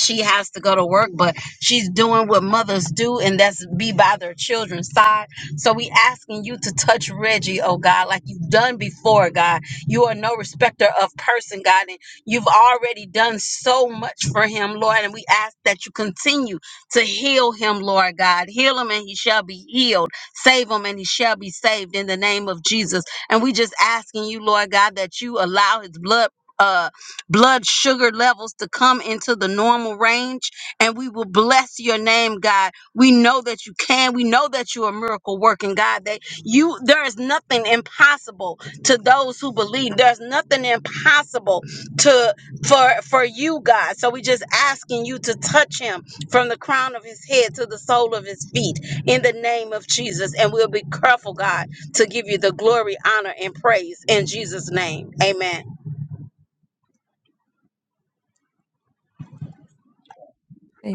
Speaker 6: she has to go to work, but she's doing what mothers do, and that's be by their children's side. So we asking you to touch Reggie, oh God, like you've done before, God. You are no respecter of person, God, and you've already done so much for him, Lord. And we ask that you continue to heal him, Lord God. Heal him and he shall be healed. Save him and he shall be saved in the name of Jesus. And we just asking you, Lord God, that you allow his blood. uh blood sugar levels to come into the normal range. And we will bless your name, God. We know that you can. We know that you're a miracle working God. That you there is nothing impossible to those who believe. There's nothing impossible to for for you, God. So we just asking you to touch him from the crown of his head to the sole of his feet in the name of Jesus. And we'll be careful, God, to give you the glory, honor, and praise in Jesus' name. Amen.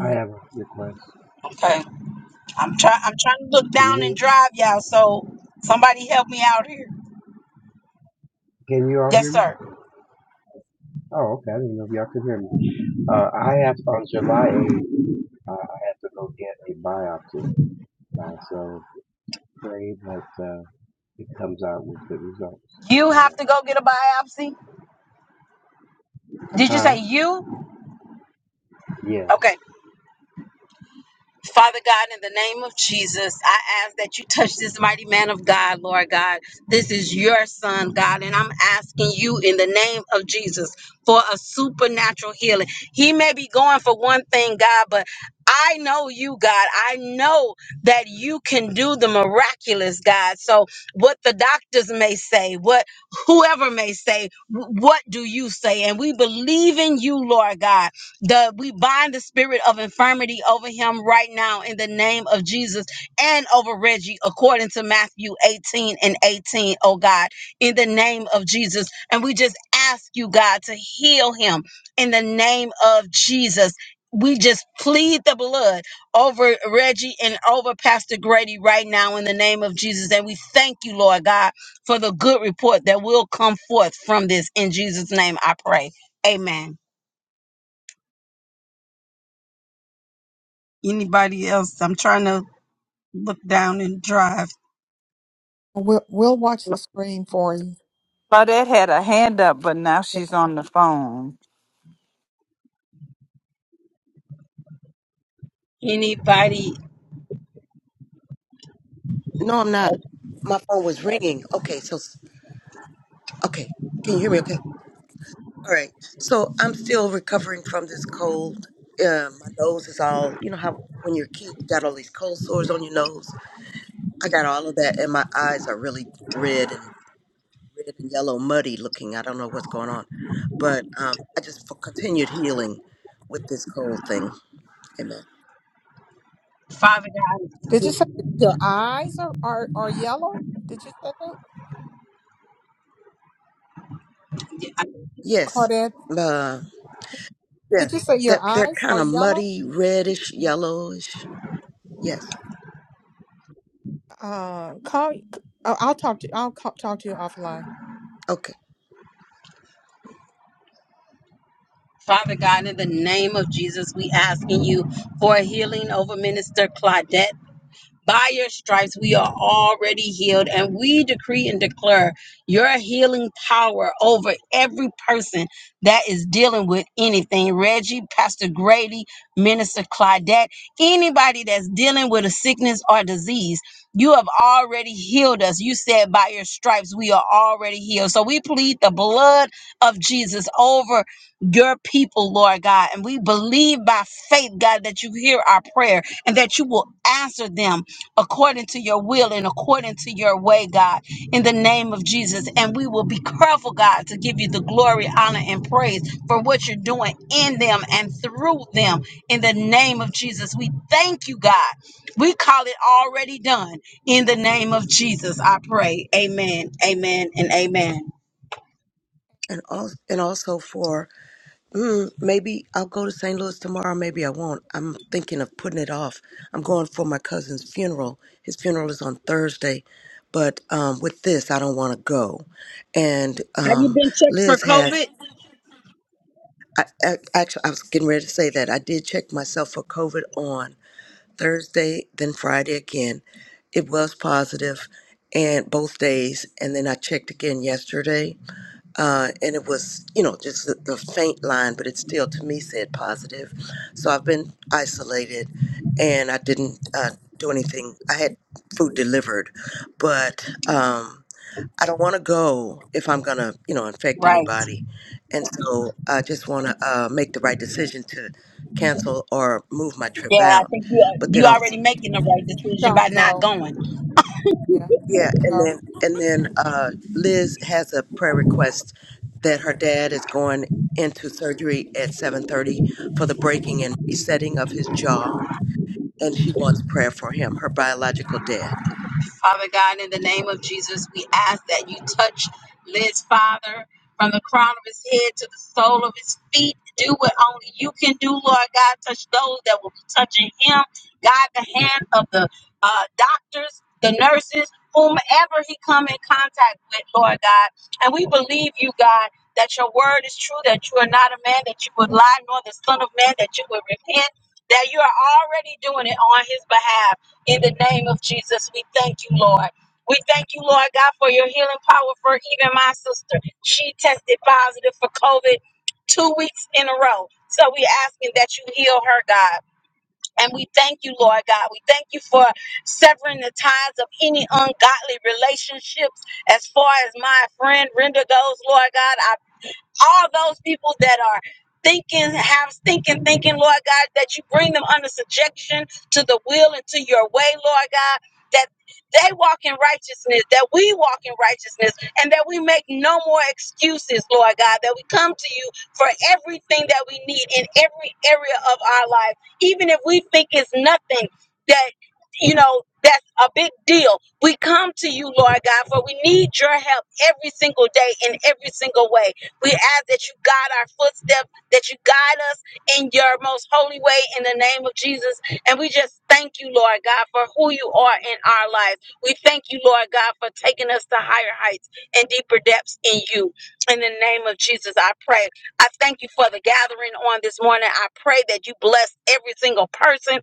Speaker 11: I have a request.
Speaker 6: Okay. I'm trying. I'm trying to look
Speaker 11: Can
Speaker 6: down and
Speaker 11: you
Speaker 6: drive y'all. So somebody help me out here.
Speaker 11: can you all
Speaker 6: Yes,
Speaker 11: hear me?
Speaker 6: sir.
Speaker 11: Oh, okay. I didn't know if y'all could hear me. Uh, I have on July I I have to go get a biopsy. Uh, so pray that uh, it comes out with good results.
Speaker 6: You have
Speaker 11: Amen.
Speaker 6: to go get a biopsy. Did you
Speaker 11: Huh?
Speaker 6: say you?
Speaker 11: Yes.
Speaker 6: Okay. Father God, in the name of Jesus, I ask that you touch this mighty man of God, Lord God. This is your son, God, and I'm asking you in the name of Jesus for a supernatural healing. He may be going for one thing, God, but I know you, God. I know that you can do the miraculous, God. So, what the doctors may say, what whoever may say, wh- what do you say? And we believe in you, Lord God the we bind the spirit of infirmity over him right now in the name of Jesus and over Reggie according to Matthew 18 and 18 oh God in the name of Jesus and we just ask you God to heal him in the name of Jesus we just plead the blood over Reggie and over Pastor Grady right now in the name of Jesus. And we thank you, Lord God, for the good report that will come forth from this. In Jesus' name, I pray. Amen. Anybody else? I'm trying to look down and drive.
Speaker 1: We'll we'll watch the screen for you.
Speaker 4: Claudette had a hand up, but now
Speaker 1: Yeah.
Speaker 4: she's on the phone.
Speaker 6: Anybody,
Speaker 9: No, I'm not. My phone was ringing. Okay, so Okay. Can you hear me okay? All right. So I'm still recovering from this cold. Um, my nose is all, you know how when your kids got all these cold sores on your nose? I got all of that, and my eyes are really red and red and yellow, muddy looking. I don't know what's going on. But um, I just for continued healing with this cold thing. Amen.
Speaker 6: Father God,
Speaker 1: Did you say your eyes are, are, are yellow? Did you say that,
Speaker 9: Yes.
Speaker 1: Claudette?
Speaker 9: Uh, yeah.
Speaker 1: Did you say your
Speaker 9: They're, they're
Speaker 1: eyes are
Speaker 9: kind of
Speaker 1: yellow?
Speaker 9: muddy, reddish, yellowish. Yes.
Speaker 1: Uh, call. I'll I'll talk to. I'll call, talk to you offline.
Speaker 9: Okay.
Speaker 6: Father God, in the name of Jesus, we asking you for healing over Minister Claudette. By your stripes, we are already healed, and we decree and declare your healing power over every person that is dealing with anything. Reggie, Pastor Grady, Minister Claudette, anybody that's dealing with a sickness or disease, you have already healed us. You said, By your stripes, we are already healed. So we plead the blood of Jesus over your people, Lord God, and we believe by faith, God, that you hear our prayer and that you will answer them according to your will and according to your way, God, in the name of Jesus. And we will be careful, God, to give you the glory, honor, and praise for what you're doing in them and through them in the name of Jesus. We thank you, God. We call it already done in the name of Jesus. I pray. Amen, amen, and amen.
Speaker 9: And, al- and also for Mm, maybe I'll go to St. Louis tomorrow. Maybe I won't. I'm thinking of putting it off. I'm going for my cousin's funeral. His funeral is on Thursday, but um, with this, I don't want to go. And
Speaker 6: Have you
Speaker 9: um,
Speaker 6: been checked for
Speaker 9: Liz has.
Speaker 6: COVID?
Speaker 9: I, I, actually, I was getting ready to say that I did check myself for COVID on Thursday, then Friday again. It was positive, and both days. And then I checked again yesterday uh, and it was you know just the, the faint line but it still to me said positive so i've been isolated and i didn't uh, do anything i had food delivered but um, i don't want to go if i'm gonna you know infect
Speaker 6: Right.
Speaker 9: anybody and so i just want to uh, make the right decision to cancel or move my trip
Speaker 6: Yeah, I
Speaker 9: out
Speaker 6: think you
Speaker 9: but then
Speaker 6: you
Speaker 9: also
Speaker 6: already making the right decision
Speaker 1: Don't
Speaker 6: by not
Speaker 1: go.
Speaker 6: going.
Speaker 1: Yeah.
Speaker 9: Yeah, and
Speaker 1: Go.
Speaker 9: then and then uh, Liz has a prayer request that her dad is going into surgery at 7:30 for the breaking and resetting of his jaw, and she wants prayer for him, her biological dad,
Speaker 6: Father God, in the name of Jesus, we ask that you touch Liz, Father, from the crown of his head to the sole of his feet. Do what only you can do, Lord God. Touch those that will be touching him. God, the hand of the uh, doctors, the nurses, whomever he come in contact with, Lord God. And we believe you, God, that your word is true, that you are not a man that you would lie, nor the son of man that you would repent, that you are already doing it on his behalf. In the name of Jesus, we thank you, Lord. We thank you, Lord God, for your healing power for even my sister. She tested positive for COVID two weeks in a row. So we asking that you heal her, God. And we thank you, Lord God. We thank you for severing the ties of any ungodly relationships as far as my friend Brenda goes, Lord God. I all those people that are thinking, have thinking, thinking, Lord God, that you bring them under subjection to the will and to your way, Lord God, that they walk in righteousness, that we walk in righteousness, and that we make no more excuses, Lord God, that we come to you for everything that we need in every area of our life, even if we think it's nothing that, you know, that's a big deal. We come to you, Lord God, for we need your help every single day in every single way. We ask that you guide our footsteps, that you guide us in your most holy way in the name of Jesus. And we just thank you, Lord God, for who you are in our lives. We thank you, Lord God, for taking us to higher heights and deeper depths in you. In the name of Jesus, I pray. I thank you for the gathering on this morning. I pray that you bless every single person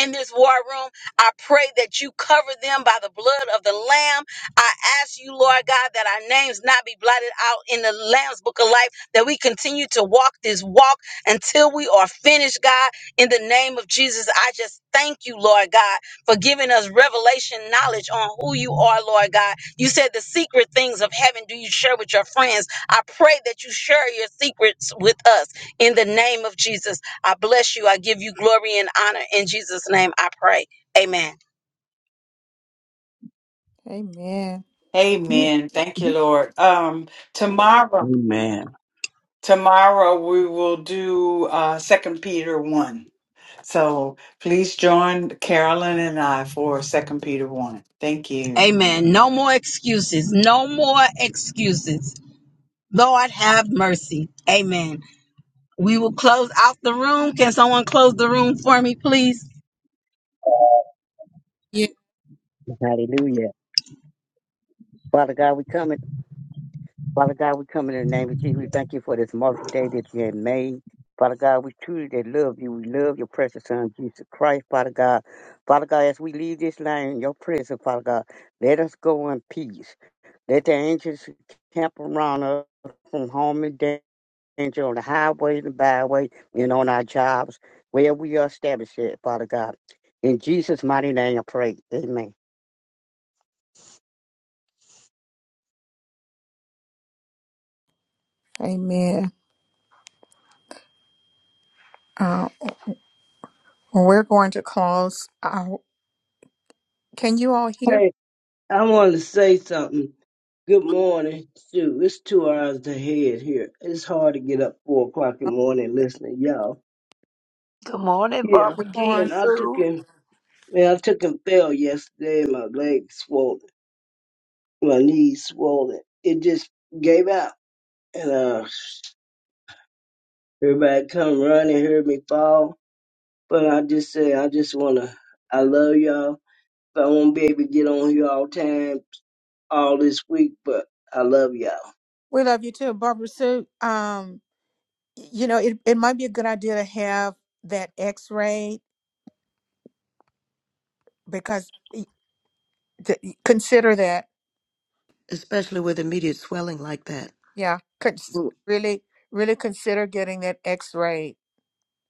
Speaker 6: in this war room. I pray that you cover them by the blood of the Lamb. I ask you, Lord God, that our names not be blotted out in the Lamb's book of life, that we continue to walk this walk until we are finished, God. In the name of Jesus, I just thank you, Lord God, for giving us revelation knowledge on who you are, Lord God. You said the secret things of heaven do you share with your friends. I pray that you share your secrets with us in the name of Jesus. I bless you. I give you glory and honor. In Jesus' name I pray. Amen.
Speaker 1: Amen.
Speaker 4: Amen. Thank you, Lord. Um, tomorrow,
Speaker 12: Amen.
Speaker 4: tomorrow we will do uh Second Peter one. So please join Carolyn and I for Second Peter one. Thank you.
Speaker 6: Amen. No more excuses. No more excuses. Lord have mercy. Amen. We will close out the room. Can someone close the room for me, please?
Speaker 1: Yeah.
Speaker 13: Hallelujah. Father God, we come in, Father God, we come in the name of Jesus. We thank you for this marvelous Day that you have made. Father God, we truly that love you. We love your precious son, Jesus Christ, Father God. Father God, as we leave this land in your presence, Father God, let us go in peace. Let the angels camp around us from harm and danger on the highways and byways and on our jobs where we are established at, Father God. In Jesus' mighty name I pray. Amen.
Speaker 1: Amen. Uh, we're going to close. Uh, can you all hear?
Speaker 14: Hey, I wanted to say something. Good morning. Shoot, it's two hours ahead here. It's hard to get up four o'clock in the morning listening, to y'all.
Speaker 7: good morning
Speaker 14: Yeah.
Speaker 1: Good
Speaker 7: barbara jean
Speaker 1: morning.
Speaker 14: And I took
Speaker 7: sue
Speaker 14: him Man, I took him fell yesterday and my legs swollen. My knees swollen. It just gave out. And uh everybody come running, heard me fall. But I just say I just wanna I love y'all. But I won't be able to get on here all time all this week, but I love y'all.
Speaker 1: We love you too, Barbara Sue. Um, you know, it, it might be a good idea to have that x ray because y- th- consider that.
Speaker 9: especially with immediate swelling like that.
Speaker 1: Yeah. Cons-
Speaker 9: Mm,
Speaker 1: really, really consider getting that x ray.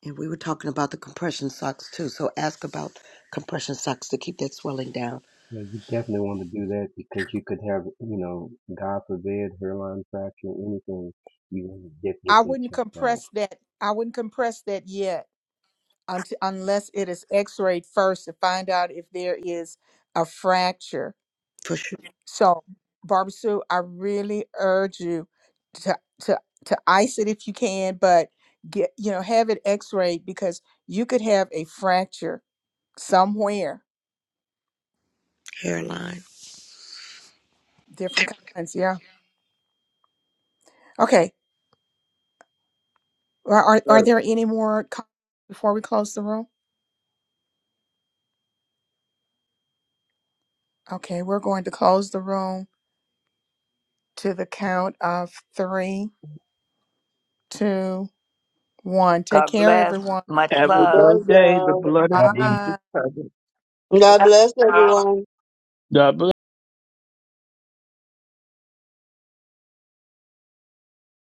Speaker 9: And we were talking about the compression socks too, so ask about compression socks to keep that swelling down
Speaker 11: Yeah, you definitely want to do that because you could have, you know, God forbid, hairline fracture, anything. You want to get,
Speaker 1: I
Speaker 11: get that
Speaker 1: wouldn't
Speaker 11: checked out.
Speaker 1: compress that. I wouldn't compress that yet unt unless it is x rayed first to find out if there is a fracture
Speaker 9: for sure.
Speaker 1: So, Barbara Sue, I really urge you to to to ice it if you can, but get you know have it X-rayed because you could have a fracture somewhere.
Speaker 9: Hairline.
Speaker 1: Different kinds, yeah. Okay. Are are, are
Speaker 14: Right.
Speaker 1: there any more comments before we close the room? Okay, we're going to close the room to the count of three, two, one. Take
Speaker 7: god
Speaker 1: care,
Speaker 7: bless
Speaker 1: everyone.
Speaker 7: much
Speaker 12: Have
Speaker 14: I
Speaker 12: a
Speaker 7: love
Speaker 14: love
Speaker 12: great day. The
Speaker 14: y'all.
Speaker 12: blood of
Speaker 11: God bless.
Speaker 1: Bye.
Speaker 12: Jesus covers.
Speaker 5: God bless everyone.
Speaker 12: God bless.